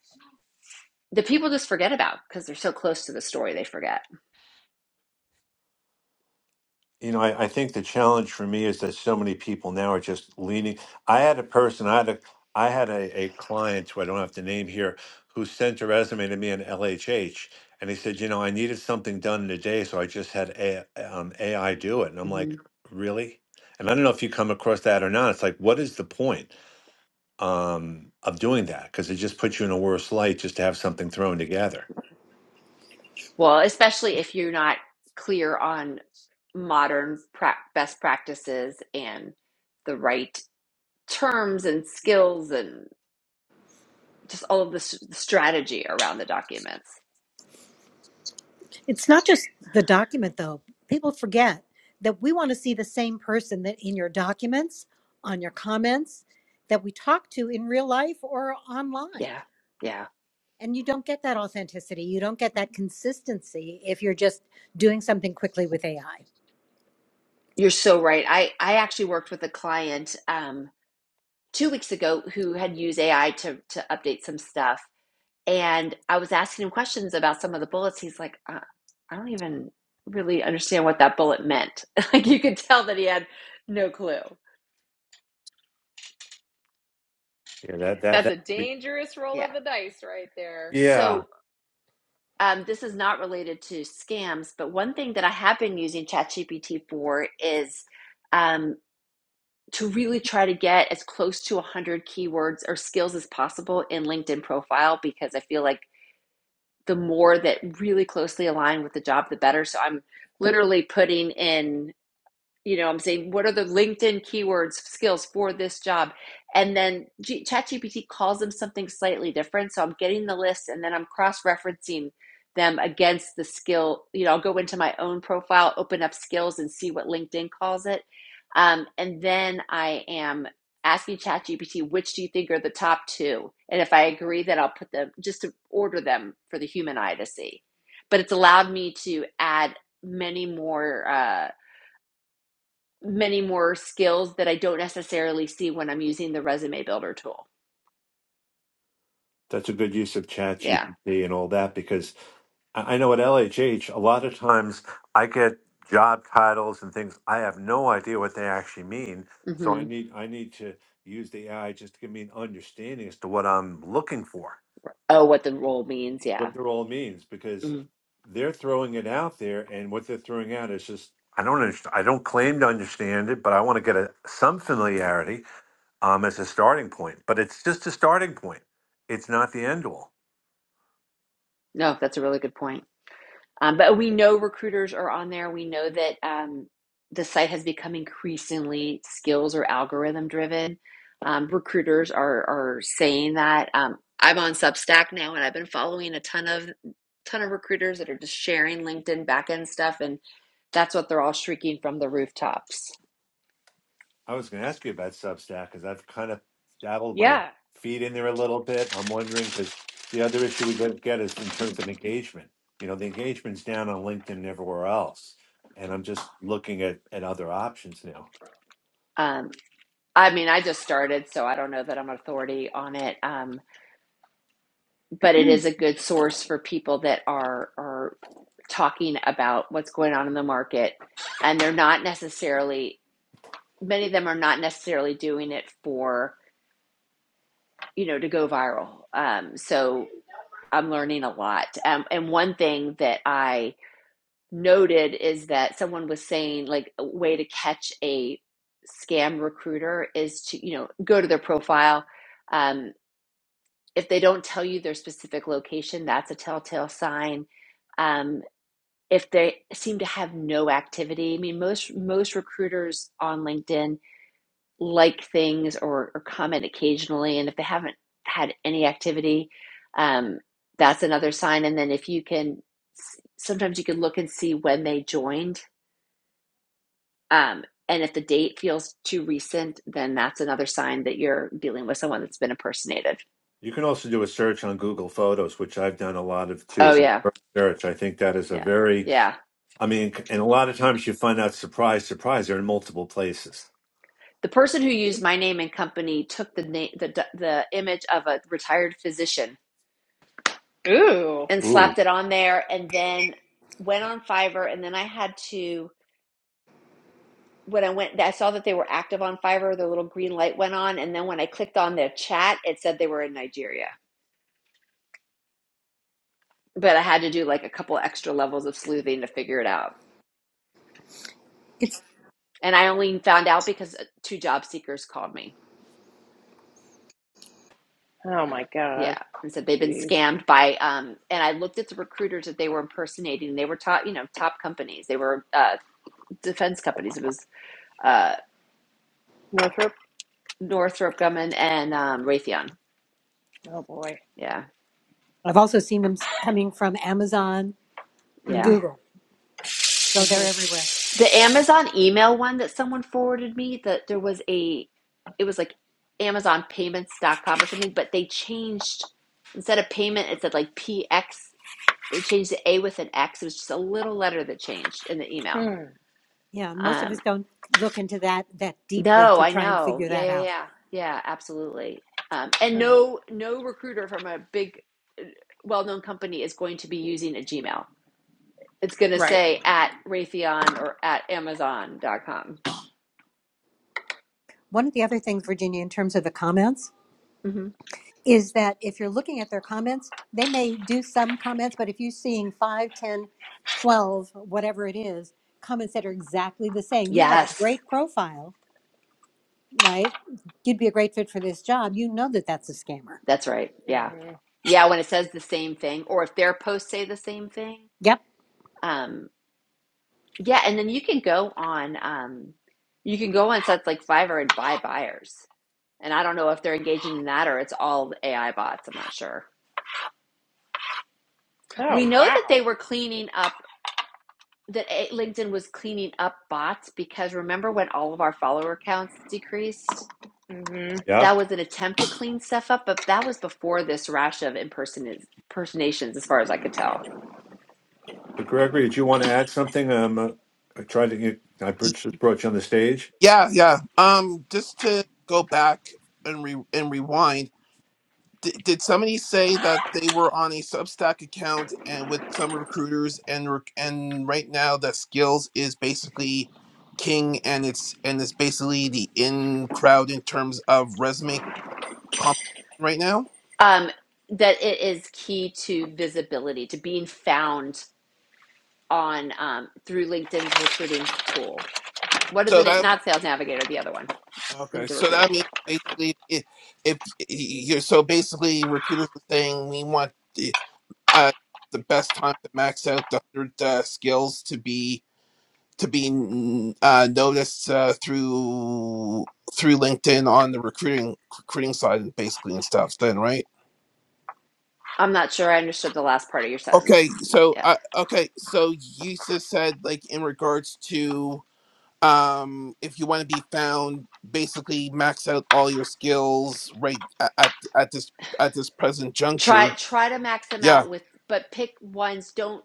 that people just forget about because they're so close to the story they forget You know, I, I think the challenge for me is that so many people now are just leaning. I had a person, I had a, I had a, a client who I don't have to name here, who sent a resume to me in LHH, and he said, you know, I needed something done in a day, so I just had a, um, AI do it. And I'm hmm like, really? And I don't know if you come across that or not. It's like, what is the point? um, of doing that because it just puts you in a worse light just to have something thrown together. well especially if you're not clear on modern pra- best practices and the right terms and skills and just all of this strategy around the documents It's not just the document, though. People forget that we want to see the same person that in your documents, on your comments, that we talk to in real life or online. yeah yeah And you don't get that authenticity. You don't get that consistency if you're just doing something quickly with AI. you're so right i i actually worked with a client um, two weeks ago who had used AI to to update some stuff, and I was asking him questions about some of the bullets. He's like, uh, I don't even really understand what that bullet meant. like you could tell that he had no clue. Yeah, that that that's that. a could be- dangerous roll Yeah. of the dice right there. Yeah, So um, this is not related to scams, but one thing that I have been using ChatGPT for is um, to really try to get as close to 100 keywords or skills as possible in LinkedIn profile because I feel like the more that really closely align with the job, the better. So I'm literally putting in you know i'm saying what are the linkedin keywords skills for this job and then G- chatgpt calls them something slightly different so i'm getting the list and then i'm cross-referencing them against the skill you know i'll go into my own profile open up skills and see what linkedin calls it um, and then i am asking chatgpt which do you think are the top two and if i agree then i'll put them just to order them for the human eye to see but it's allowed me to add many more uh, many more skills that I don't necessarily see when I'm using the resume builder tool. That's a good use of ChatGPT Yeah. and all that because I I know at LHH, a lot of times I get job titles and things. I have no idea what they actually mean. So I hmm need I need to use the AI just to give me an understanding as to what I'm looking for, Oh, what the role means. Yeah. what they're all means, because Mm. they're throwing it out there, and what they're throwing out is just I don't understand. I don't claim to understand it, but I want to get a, some familiarity um, as a starting point. But it's just a starting point. It's not the end all. No, that's a really good point. Um, but we know recruiters are on there. We know that um, the site has become increasingly skills or algorithm driven. Um, recruiters are are saying that. Um, I'm on Substack now, and I've been following a ton of ton of recruiters that are just sharing LinkedIn backend stuff, and that's what they're all shrieking from the rooftops I was going to ask you about Substack because I've kind of dabbled my Yeah. feet in there a little bit. I'm wondering because the other issue we could get is in terms of engagement. You know, the engagement's down on LinkedIn and everywhere else, and I'm just looking at at other options now. Um, I mean, I just started, so I don't know that I'm an authority on it. Um, but it is a good source for people that are are talking about what's going on in the market, and they're not necessarily many of them are not necessarily doing it for you know to go viral. Um, so I'm learning a lot. Um, and one thing that I noted is that someone was saying like a way to catch a scam recruiter is to you know go to their profile Um, if they don't tell you their specific location, that's a telltale sign. Um, if they seem to have no activity, I mean, most most recruiters on LinkedIn like things or, or comment occasionally, and if they haven't had any activity, um, that's another sign. And then if you can, sometimes you can look and see when they joined, um, and if the date feels too recent, then that's another sign that you're dealing with someone that's been impersonated. You can also do a search on Google Photos, which I've done a lot of too Oh as a yeah, search. I think that is a yeah, very yeah. I mean, and a lot of times you find out, surprise, surprise, they're in multiple places. The person who used my name and company took the name, the, the image of a retired physician Ooh. and slapped Ooh, it on there, and then went on Fiverr. And then I had to when I went, I saw that they were active on Fiverr. The little green light went on, and then when I clicked on their chat, it said they were in Nigeria. But I had to do like a couple extra levels of sleuthing to figure it out. It's, And I only found out because uh, two job seekers called me. Oh my god. Yeah, and said they've been Jeez. scammed by um and I looked at the recruiters that they were impersonating. They were top, you know, top companies. They were uh defense companies. It was uh Northrop. Northrop Grumman and um Raytheon. Oh boy. Yeah. I've also seen them coming from Amazon and hmm Yeah. Google, so they're everywhere. The Amazon email one that someone forwarded me that there was a it was like amazonpayments.com or something, but they changed instead of payment it said like PX. They changed the A with an X. It was just a little letter that changed in the email. hmm Yeah, and most of us Um, don't look into that that deeply No, to I try and know. figure Yeah, that yeah, out. yeah. Yeah, absolutely. Um, and Mm, no no recruiter from a big uh, well-known company is going to be using a Gmail. It's going to right. say at Raytheon or at Amazon.com. One of the other things, Virginia, in terms of the comments, Mm-hmm. is that if you're looking at their comments, they may do some comments, but if you're seeing 5, 10, 12, whatever it is, comments that are exactly the same, you have a Yes, great profile, right? You'd be a great fit for this job. You know that that's a scammer. that's right. Yeah. hmm Yeah, when it says the same thing or if their posts say the same thing. Yep. Um, yeah, and then you can go on um, you can go on sites like Fiverr and buy buyers. And I don't know if they're engaging in that or it's all AI bots. I'm not sure. We Oh know that they wow. were cleaning up, that eh, LinkedIn was cleaning up bots because remember when all of our follower counts decreased? hmm Can yeah. That was an attempt to clean stuff up, but that was before this rash of imperson- impersonations, as far as I could tell. But Gregory, did you want to add something? Um, uh, I tried to get, I Y- brought brought you on the stage. Yeah, yeah. Um, just to go back and re and rewind, D did somebody say that they were on a Substack account and with some recruiters and rec- and right now that Skills is basically king and it's and it's basically the in crowd in terms of resume comp right now. Um, that it is key to visibility, to being found on um, through LinkedIn's recruiting tool. What is So it? that Not Sales Navigator, the other one, okay, LinkedIn so Recruiter. that means basically if, if y- y- so basically recruiters are saying we want. uh, the best time to max out the hundred uh, skills to be to be mm, uh, noticed uh, through through LinkedIn on the recruiting recruiting side and basically and stuff. Then right? I'm not sure I understood the last part of your sentence. Okay, so Yeah. uh, okay, so you just said like in regards to um if you want to be found basically max out all your skills right a- at at this at this present try juncture try to max them yeah out with but pick ones don't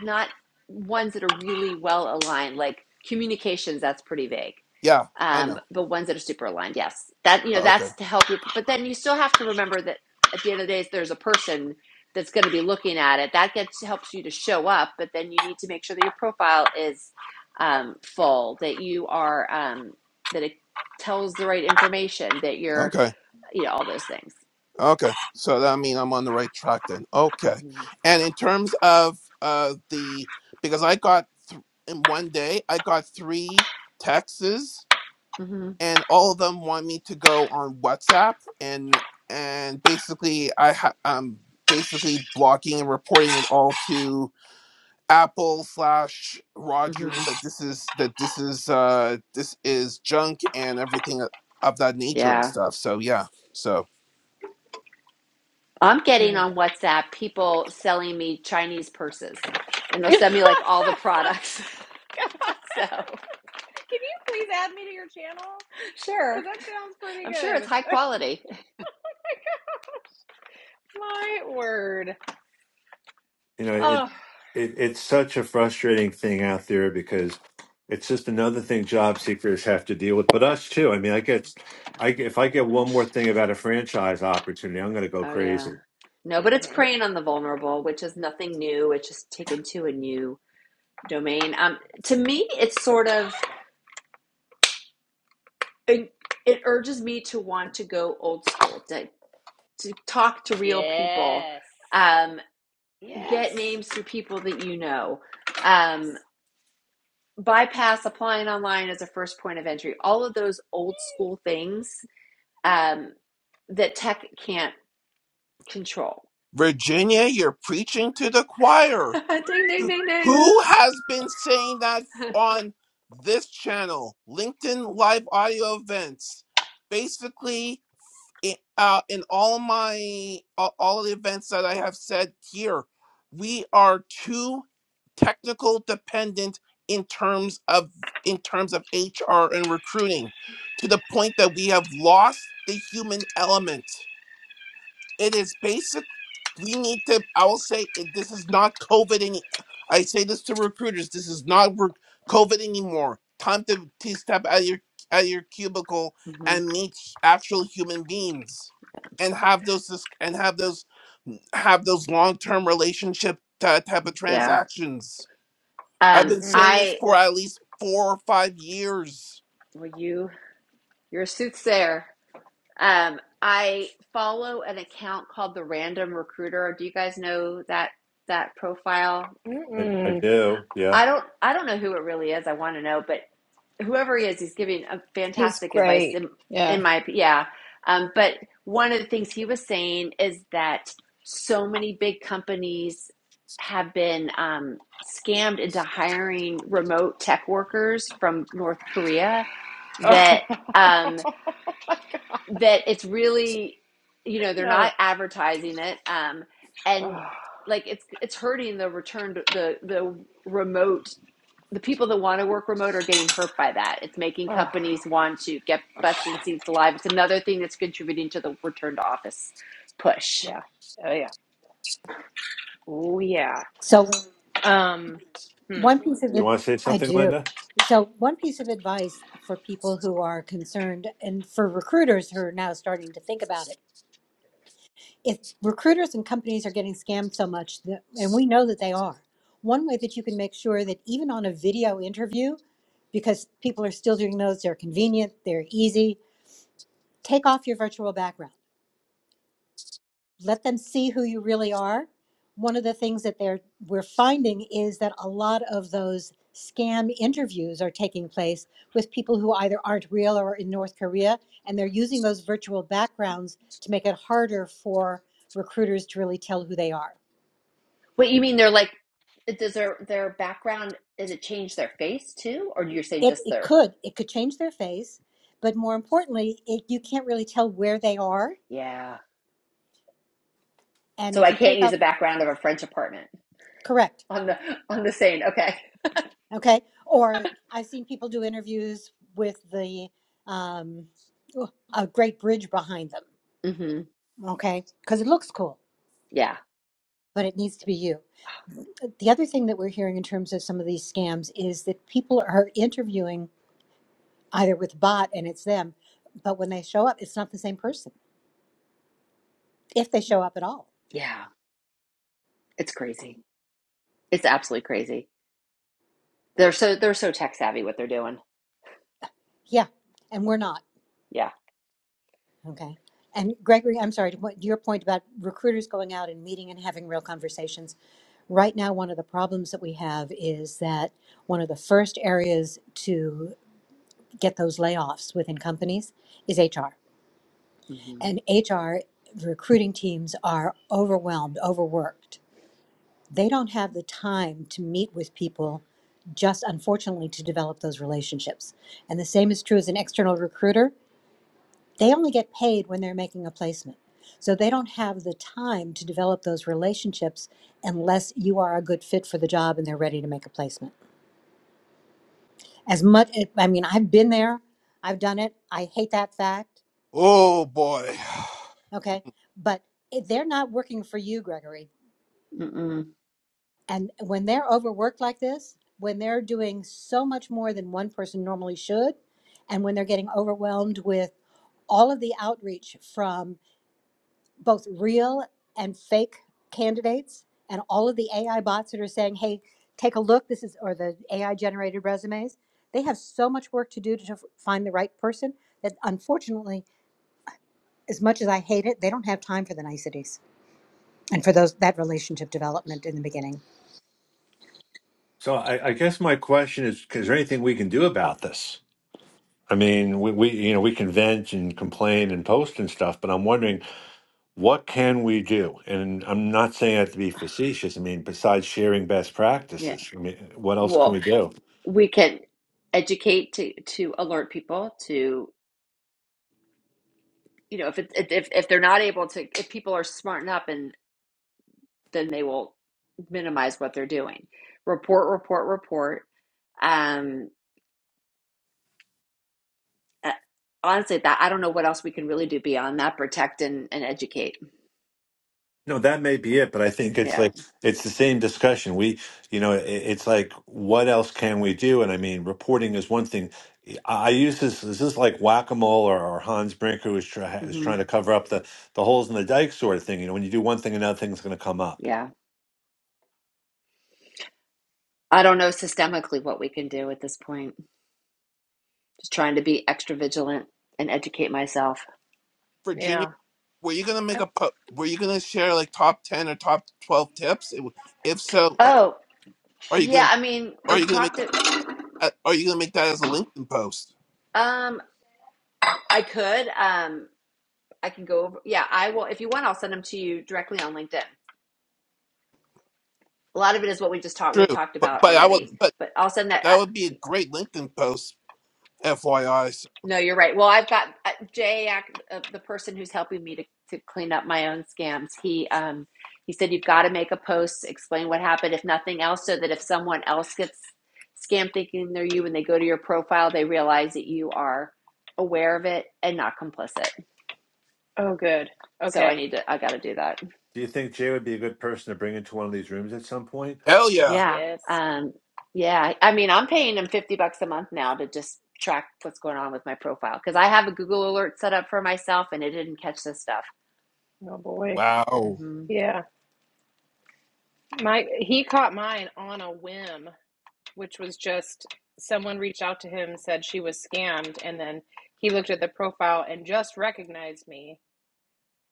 not ones that are really well aligned like communications that's pretty vague yeah i um know but ones that are super aligned yes that you know okay that's to help you but then you still have to remember that at the end of the day there's a person that's going to be looking at it that gets helps you to show up but then you need to make sure that your profile is um full that you are um that it tells the right information that you're okay you know all those things Okay, so that I mean I'm on the right track then. Okay, hmm and in terms of uh the because I got th- in one day I got three texts hmm and all of them want me to go on WhatsApp and and basically I ha- I'm basically blocking and reporting it all to Apple slash hmm Rogers that this is that this is uh this is junk and everything of that nature and Yeah. stuff. So yeah, so. I'm getting on WhatsApp people selling me Chinese purses and they'll send me like all the products. so, you please add me to your channel? Because sure. that sounds pretty I'm sure it's good. high quality. My word. you know it, Oh. it it's such a frustrating thing out there because it's just another thing job seekers have to deal with but us too i mean i get i get- if i get one more thing about a franchise opportunity i'm going to go Oh, Mm, yeah. crazy No, but it's hmm preying on the vulnerable, which is nothing new. It's just taken to a new domain. Um, to me, it's sort of, it, it urges me to want to go old school, to, to talk to real people, Yes. um, Yes. get names through people that you know. um. Yes. bypass applying online as a first point of entry all of those old school things um, that tech can't control Virginia, you're preaching to the choir. ding ding ding ding Who has been saying that on this channel? LinkedIn live audio events. Basically, i- uh, in all my all all the events that I have said here, we are too technical dependent in terms of in terms of HR and recruiting, to the point that we have lost the human element it is basic. We need to. I will say it, this is not COVID any. I say this to recruiters. This is not re- COVID anymore. Time to, to step out of your out of your cubicle hmm and meet actual human beings, and have those dis- and have those have those long term relationship ty- type of yeah transactions. I've um, been Yep. saying this i for at least four or five years. well you you're a soothsayer um, i follow an account called the random recruiter do you guys know that that profile hmm I, I Mm-mm. do yeah i don't i don't know who it really is i want to know but whoever he is, he's giving a He's fantastic advice great. in, Yeah. in my yeah. Um, but one of the things he was saying is that so many big companies have been um, scammed into hiring remote tech workers from North Korea Oh. that um, that it's really you know they're not no. advertising it um, and Oh. like it's it's hurting the return to the the remote the people that want to work remote are getting hurt by that. It's making Oh. companies want to get butts and seats alive. It's another thing that's contributing to the return to office push. Yeah. Oh yeah. Oh yeah. So Um. Hmm. One piece of do you it, want to say I something do. linda So, one piece of advice for people who are concerned and for recruiters who are now starting to think about it. If recruiters and companies are getting scammed so much, that, and we know that they are, one way that you can make sure that even on a video interview, because people are still doing those, they're convenient, they're easy, take off your virtual background. let them see who you really are. One of the things that they're we're finding is that a lot of those scam interviews are taking place with people who either aren't real or are in North Korea, and they're using those virtual backgrounds to make it harder for recruiters to really tell who they are. What you mean? They're like, does their their background does it change their face too, or you're saying It, just it their could it could change their face, but more importantly, it, you can't really tell where they are. yeah? And So if I you can't take use off the background of a French apartment correct on the on the saying. Okay. Okay. Or I've seen people do interviews with the um, oh, a great bridge behind them. hmm Okay, because it looks cool, Yeah. but it needs to be you. The other thing that we're hearing in terms of some of these scams is that people are interviewing either with a bot and it's them, but when they show up, it's not the same person if they show up at all. Yeah. It's crazy. It's absolutely crazy. They're so they're so tech savvy what they're doing. Yeah, and we're not. Yeah. Okay. And Gregory, I'm sorry, to what- your point about recruiters going out and meeting and having real conversations Right now, one of the problems that we have is that one of the first areas to get those layoffs within companies is HR. hmm And HR recruiting teams are overwhelmed, overworked. They don't have the time to meet with people, just unfortunately, to develop those relationships. And the same is true as an external recruiter. They only get paid when they're making a placement. So they don't have the time to develop those relationships unless you are a good fit for the job and they're ready to make a placement. as much i mean i've been there i've done it i hate that fact Oh boy, okay but it, they're not working for you gregory Mm-mm. and when they're overworked like this when they're doing so much more than one person normally should and when they're getting overwhelmed with all of the outreach from both real and fake candidates and all of the ai bots that are saying hey take a look this is or the ai generated resumes they have so much work to do to find the right person that unfortunately as much as I hate it, they don't have time for the niceties and for those that relationship development in the beginning. so i, I guess my question is is there anything we can do about this i mean we, we you know we can vent and complain and post and stuff but i'm wondering what can we do? And I'm not saying that to be facetious. I mean, besides sharing best Yeah. practices, I mean, what else can we Well. do? we can educate to to alert people to you know if it if if they're not able to if people are smarten up and then they will minimize what they're doing report report report um uh, honestly that i don't know what else we can really do beyond that protect and, and educate No, that may be it, but I think it's yeah like it's the same discussion. We, you know, it, it's like what else can we do? And I mean, reporting is one thing. I I use this. This is like whack a mole or, or Hans Brinker was, try, was hmm trying to cover up the the holes in the dike sort of thing. You know, when you do one thing, another thing's going to come up. yeah i don't know systemically what we can do at this point just trying to be extra vigilant and educate myself Virginia. Yeah. Were you gonna I, make a po- Were you gonna share like top ten or top twelve tips? It- If so, are, oh are you yeah gonna i mean Are we've you gonna make talked that it uh, Are you gonna make that as a LinkedIn post? um i could um I can go over. Yeah, I will. If you want, I'll send them to you directly on LinkedIn. A lot of it is what we just talked we True, talked but about but I already, would but but I'll send that. that I, would be a great LinkedIn post, FYI. So, no, you're right. Well, I've got uh, Jay, uh, the person who's helping me to, to clean up my own scams. He um he said you've got to make a post, explain what happened, if nothing else, so that if someone else gets scammed thinking they're you, when they go to your profile, they realize that you are aware of it and not complicit. oh good. So I Okay. need to. I got to do that. Do you think Jay would be a good person to bring into one of these rooms at some point? hell yeah! Yeah. Yes. Um, yeah. I mean, I'm paying them 50 bucks a month now to just track what's going on with my profile because I have a Google alert set up for myself and it didn't catch this stuff. Oh boy. Wow, hmm Yeah. My he caught mine on a whim, which was just someone reached out to him, said she was scammed, and then he looked at the profile and just recognized me.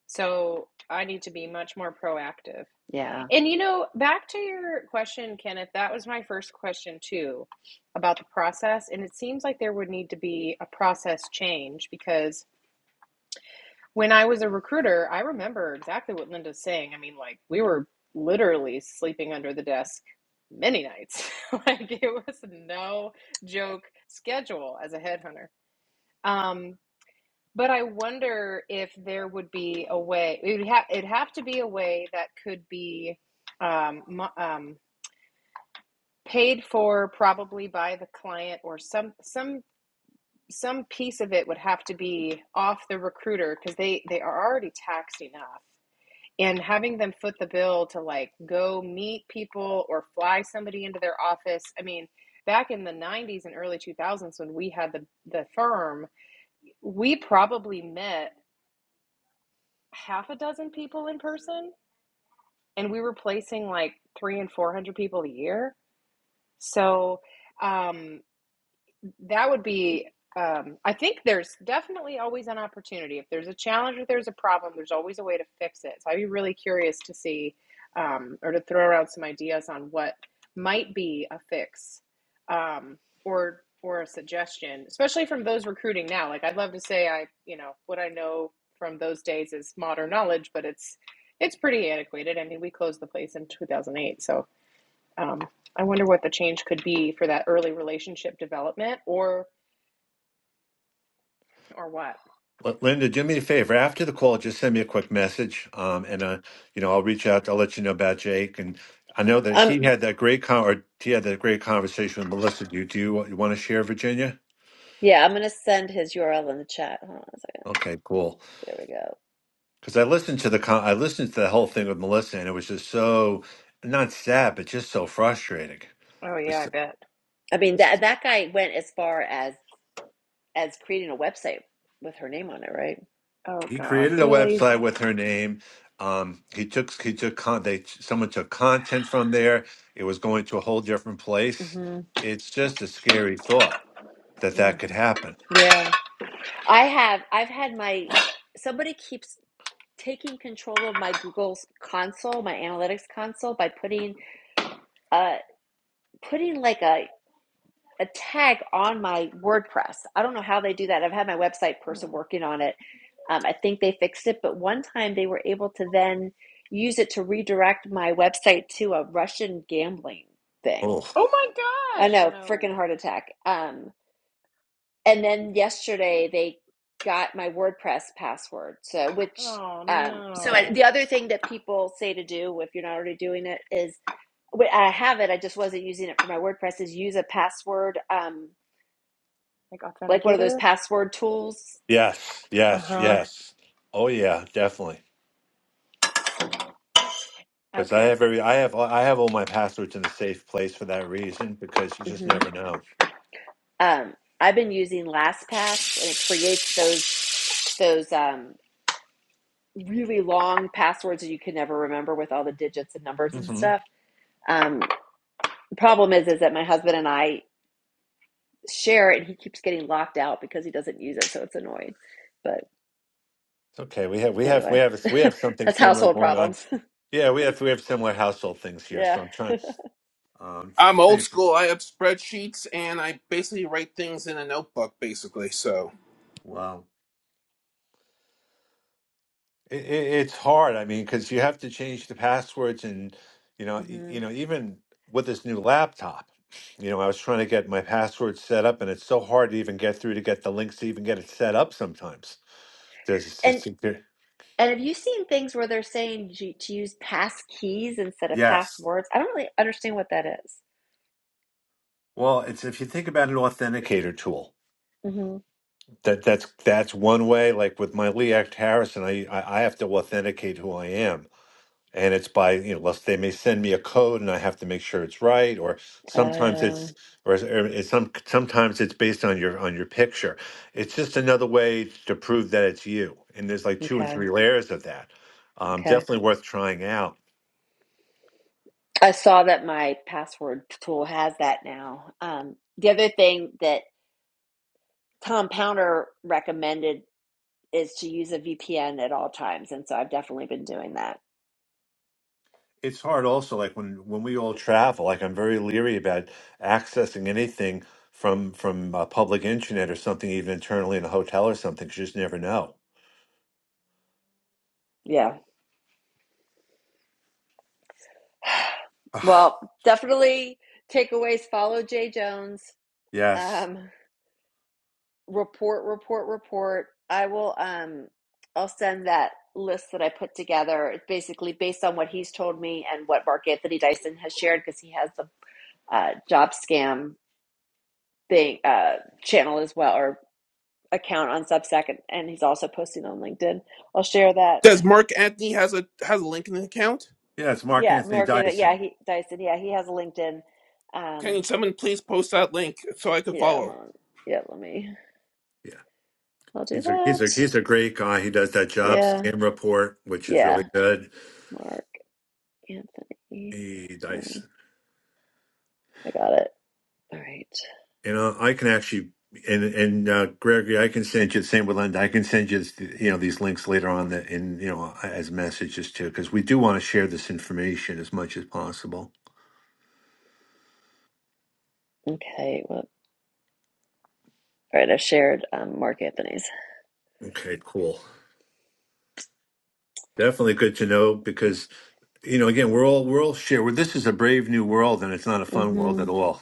So I need to be much more proactive. Yeah. And you know, back to your question, Kenneth, that was my first question too about the process. And it seems like there would need to be a process change because When I was a recruiter, I remember exactly what Linda's saying. I mean, like, we were literally sleeping under the desk many nights. Like, it was no joke schedule as a headhunter. Um, but I wonder if there would be a way, it would ha- it'd have to be a way that could be um, mo- um, paid for probably by the client or some, some, some piece of it would have to be off the recruiter because they, they are already taxed enough and having them foot the bill to like go meet people or fly somebody into their office i mean back in the 90s and early 2000s when we had the the firm we probably met half a dozen people in person and we were placing like 3 and 400 people a year so um That would be, um, I think there's definitely always an opportunity. If there's a challenge or there's a problem, there's always a way to fix it. So I'd be really curious to see um, or to throw around some ideas on what might be a fix um, or or a suggestion, especially from those recruiting now. Like I'd love to say I, you know, what I know from those days is modern knowledge, but it's it's pretty antiquated. I mean, we closed the place in 2008, so um, I wonder what the change could be for that early relationship development or or what? L- Linda, do me a favor. After the call, just send me a quick message, um, and uh, you know I'll reach out. I'll let you know about Jake, and I know that Um, he had that great con or he had that great conversation with Melissa. Do you do you, you want to share, Virginia? yeah, I'm gonna send his URL in the chat. Hold on a second. Okay, cool. There we go. Because I listened to the con- I listened to the whole thing with Melissa, and it was just so not sad, but just so frustrating. Oh, yeah, I bet. I mean, that that guy went as far as as creating a website with her name on it, right? Oh, he God. created a Really? website with her name. Um, he took he took con- they someone took content from there. It was going to a whole different place. hmm It's just a scary thought that Mm, that could happen. Yeah. I have I've had my somebody keeps taking control of my Google's console, my analytics console by putting uh putting like a a tag on my WordPress. I don't know how they do that. I've had my website person mm. working on it. Um, I think they fixed it, but one time they were able to then use it to redirect my website to a Russian gambling thing. Oh Oh, my I gosh. know, freaking No. heart attack. Um, and then yesterday they got my WordPress password. So, which, Oh, um, so I- no. the other thing that people say to do if you're not already doing it is I have it. I just wasn't using it for my WordPress. Is use a password, um, Like like one of those authenticator? password tools. yes, Uh yes, huh. yes. Oh yeah, definitely. Because I Okay. have every I have I have all my passwords in a safe place for that reason. Because you just hmm never know. Um, I've been using LastPass, and it creates those those um, really long passwords that you can never remember with all the digits and numbers and hmm stuff. Um, the problem is, is that my husband and I share it, and he keeps getting locked out because he doesn't use it, so it's annoying. But It's okay. We have we have we anyway, have we have something that's similar household going on. problems. Yeah, we have we have similar household things here. yeah. So I'm trying um, I'm different old things. It's- school. I have spreadsheets and I basically write things in a notebook, basically. So Wow. It, it, it's hard. I mean, because you have to change the passwords, and you know, e- hmm you know, even with this new laptop, you know, I was trying to get my password set up, and it's so hard to even get through to get the links to even get it set up. Sometimes there's it's just there- And have you seen things where they're saying ju- to use pass keys instead of yes. passwords? I don't really understand what that is. Well, it's if you think about an authenticator tool, Mm-hmm. that that's that's one way. Like with my Lee Act Harrison, I I I have to authenticate who I am and it's by you know unless they may send me a code and i have to make sure it's right or sometimes it's Oh, or it's or it's some sometimes it's based on your on your picture it's just another way to prove that it's you and there's like two and okay, three layers of that um, okay. definitely worth trying out I saw that my password tool has that now. Um, the other thing that Tom Pounder recommended is to use a VPN at all times, and so I've definitely been doing that. it's hard also like when when we all travel like i'm very leery about accessing anything from from a public internet or something even internally in a hotel or something 'cause you just never know Yeah. Ugh, Well, definitely takeaways. Follow Jay Jones. yes Um, report, report, report. I will um I'll send that list that I put together. It's basically based on what he's told me and what Mark Anthony Dyson has shared because he has the uh, job scam thing uh, channel as well or account on Substack and, and he's also posting on LinkedIn. I'll share that. does Mark Anthony has a has a LinkedIn account? yes mark Yeah, anthony Mark uh, yeah, dyson he Dyson, yeah, he has a LinkedIn. Um Can someone please post that link so I could yeah, follow? hold on. Yeah, let me I'll do He's a that. he's a he's a great guy. He does that job Yeah. scam report, which is really Yeah. good. Mark Anthony. He Um, dice. I got it. All right. You know, I can actually and and uh, Gregory, I can send you same with Linda. I can send you you know these links later on that in you know as messages too, because we do want to share this information as much as possible. Okay. Well, all right. I've shared um, Mark Anthony's. Okay, cool. Definitely good to know because you know again we're all we're all share. Well, this is a brave new world, and it's not a fun world hmm at all.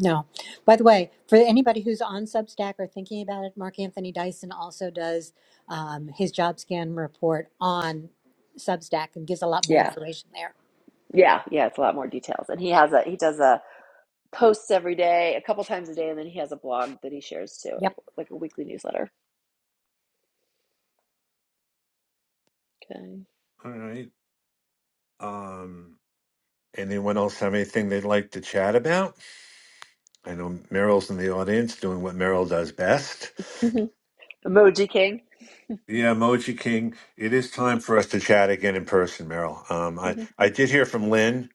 No. By the way, for anybody who's on Substack or thinking about it, Mark Anthony Dyson also does um, his job scan report on Substack and gives a lot more Yeah. information there. Yeah. Yeah. It's a lot more details, and he has a he does a posts every day, a couple times a day, and then he has a blog that he shares too, Yep. like a weekly newsletter. Okay. All right. Um. Anyone else have anything they'd like to chat about? I know Meryl's in the audience doing what Meryl does best. Emoji King. Yeah, Emoji King, it is Mhm. time for us to chat again in person, Meryl. Um, I, okay. I did hear from Lynn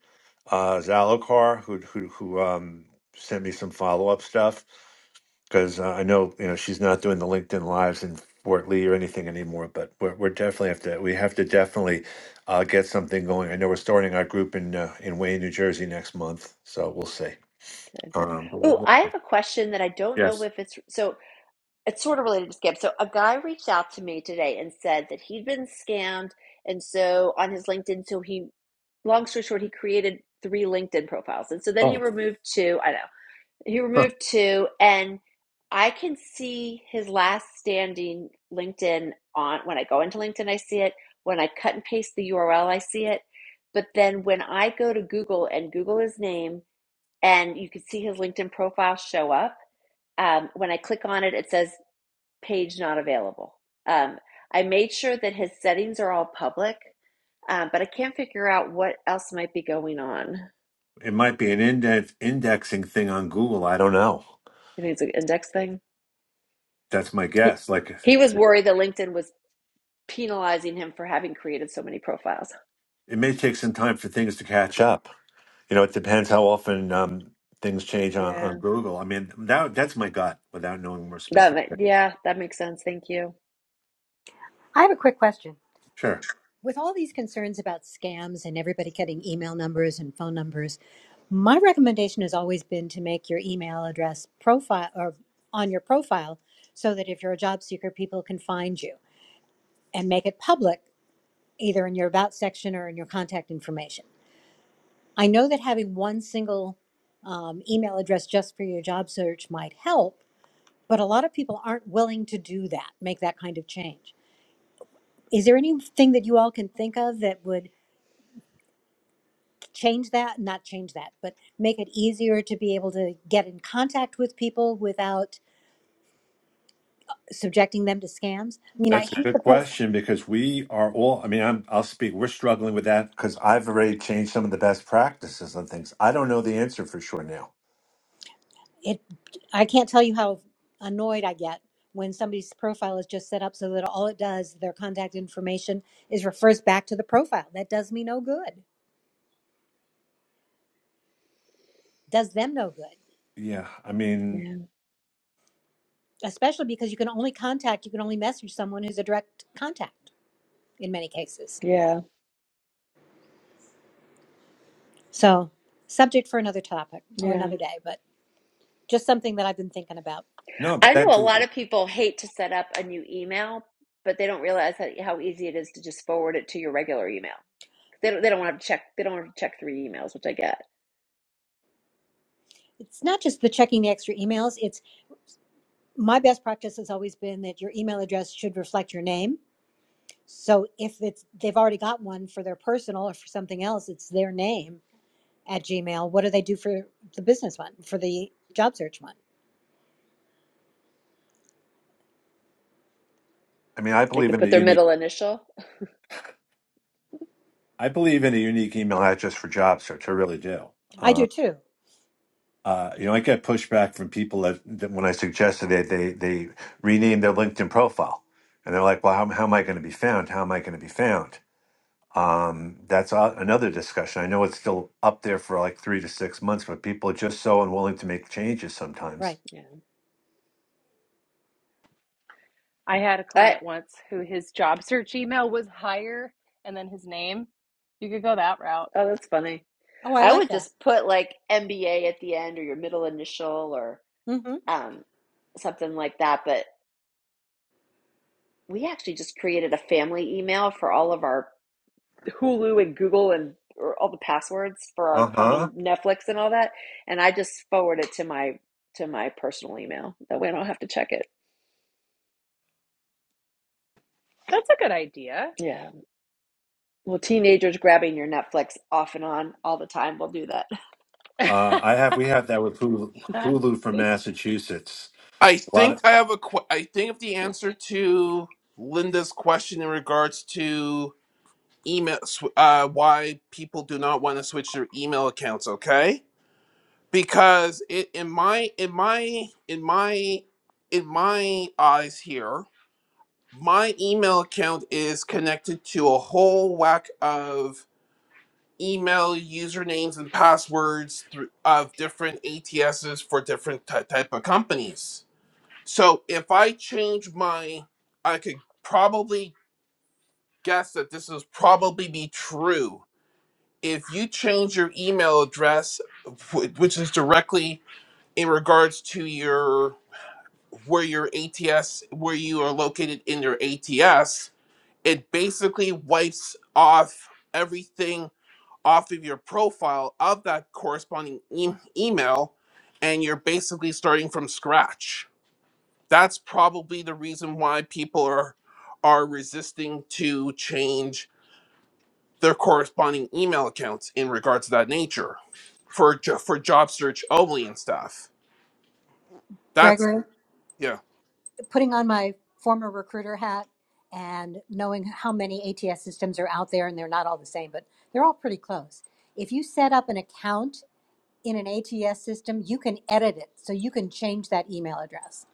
uh, Zalokar, who, who, who um, sent me some follow up stuff because uh, I know you know she's not doing the LinkedIn lives in Fort Lee or anything anymore. But we're, we're definitely have to we have to definitely uh, get something going. I know we're starting our group in uh, in Wayne, New Jersey next month, so we'll see. Um, but we'll- Oh, we'll- I have a question that I don't know yes. if it's so. it's sort of related to scam. So a guy reached out to me today and said that he'd been scammed, and so on his LinkedIn, so he, long story short, he created three LinkedIn profiles, and so then he Oh. removed two. I know he removed two, and I can see his last standing LinkedIn on when I go into LinkedIn, I see it. When I cut and paste the URL, I see it. But then when I go to Google and Google his name, and you can see his LinkedIn profile show up. Um, when I click on it, it says page not available. Um, I made sure that his settings are all public, um, but I can't figure out what else might be going on. It might be an index indexing thing on Google. I don't know. You think it's an index thing? That's my He, guess. Like he was worried that LinkedIn was penalizing him for having created so many profiles. it may take some time for things to catch up. You know, it depends how often um, things change on, on Yeah, Google. I mean, that that's my gut without knowing more that specific. yeah that makes sense. Thank you. I have a quick question. Sure. with all these concerns about scams and everybody getting email numbers and phone numbers, my recommendation has always been to make your email address profile or on your profile so that if you're a job seeker, people can find you and make it public either in your about section or in your contact information. I know that having one single um, email address just for your job search might help, but a lot of people aren't willing to do that, make that kind of change. Is there anything that you all can think of that would change that not change that but make it easier to be able to get in contact with people without subjecting them to scams i mean i That's a hate the good post question because we are all, I mean, I'm, I'll speak, we're struggling with that because I've already changed some of the best practices on things. I don't know the answer for sure now. it i can't tell you how annoyed i get when somebody's profile is just set up so that all it does their contact information is refers back to the profile that does me no good does them no good Yeah. I mean, Yeah, especially because you can only contact you can only message someone who's a direct contact in many cases yeah, so subject for another topic or yeah. another day but just something that i've been thinking about no, but I know that's, a lot of I people hate to set up a new email, but they don't realize how, how easy it is to just forward it to your regular email. They don't, they don't want to check. They don't want to check three emails, which I get. it's not just the checking the extra emails it's my best practice has always been that your email address should reflect your name so if it's they've already got one for their personal or for something else it's their name at gmail what do they do for the business one for the job search one mean, I They believe could in put the their unique. middle initial. I believe in a unique email address for job search. I really do. i Mm. Uh, do too uh, you know, I get pushback from people that, that when I suggested that they, they rename their LinkedIn profile, and they're like, "Well, how, how am I going to be found? How am I going to be found?" Um, that's a, another discussion. I know it's still up there for like three to six months, but people are just so unwilling to make changes sometimes. right Yeah. I had a I client once who his job search email was hire and then his name. You could go that route. oh, that's funny. oh i I like would that just put like MBA at the end or your middle initial or hmm um something like that. But we actually just created a family email for all of our Hulu and Google and or all the passwords for our Uh huh. common Netflix and all that, and I just forward it to my to my personal email. That way I don't have to check it. That's a good idea. Yeah. Well, teenagers grabbing your Netflix off and on all the time will do that. Uh, I have we have that with Hulu, Hulu from Massachusetts. I A lot think of I have a. Qu- I think if the answer to Linda's question in regards to email, sw- uh, why people do not want to switch their email accounts, okay? Because it, in my in my in my in my eyes here, my email account is connected to a whole whack of email usernames and passwords through, of different ATSs for different ty- type of companies so if I change my, I could probably guess that this is probably be true. If you change your email address, wh- which is directly in regards to your where your ATS where you are located in your ATS, it basically wipes off everything off of your profile of that corresponding e- email, and you're basically starting from scratch that's probably the reason why people are are resisting to change their corresponding email accounts in regards to that nature for jo- for job search only and stuff. That's gregory yeah, putting on my former recruiter hat and knowing how many ats systems are out there and they're not all the same but they're all pretty close if you set up an account in an ATS system, you can edit it. So you can change that email address.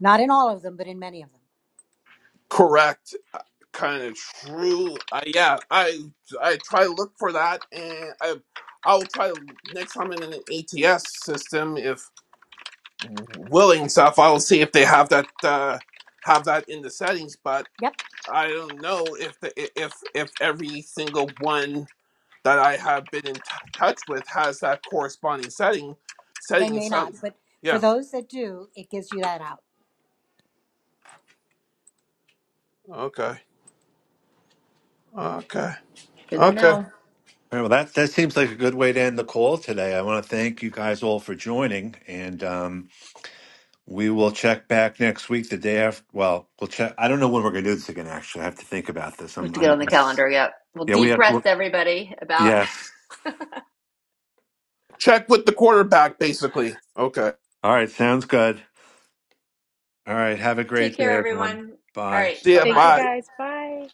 Not in all of them, but in many of them. correct. Kind of true. I, yeah, I I try to look for that, and I I'll try to- next time in an ATS system if willing stuff. I'll see if they have that uh, have that in the settings. but. Yep, I don't know if the, i- if if every single one that I have been in t- touch with has that corresponding setting. they Setting in may not. some. But for Yeah. those that do, it gives you that out. Okay. Okay. Good to Okay. know. All right, well, that, that seems like a good way to end the call today. I want to thank you guys all for joining, and um, we will check back next week, the day after. Well, we'll check. I don't know when we're going to do this again. Actually, I have to think about this. We have I'm, to get I'm on the calendar. Yep. Well, yeah, we deep have. breaths, everybody. About Yes. Check with the quarterback, basically. Okay. All right, sounds good. All right, have a take great day, care, everyone. everyone. All Bye. right. See Bye ya. Thank you Bye. bye. guys. Bye.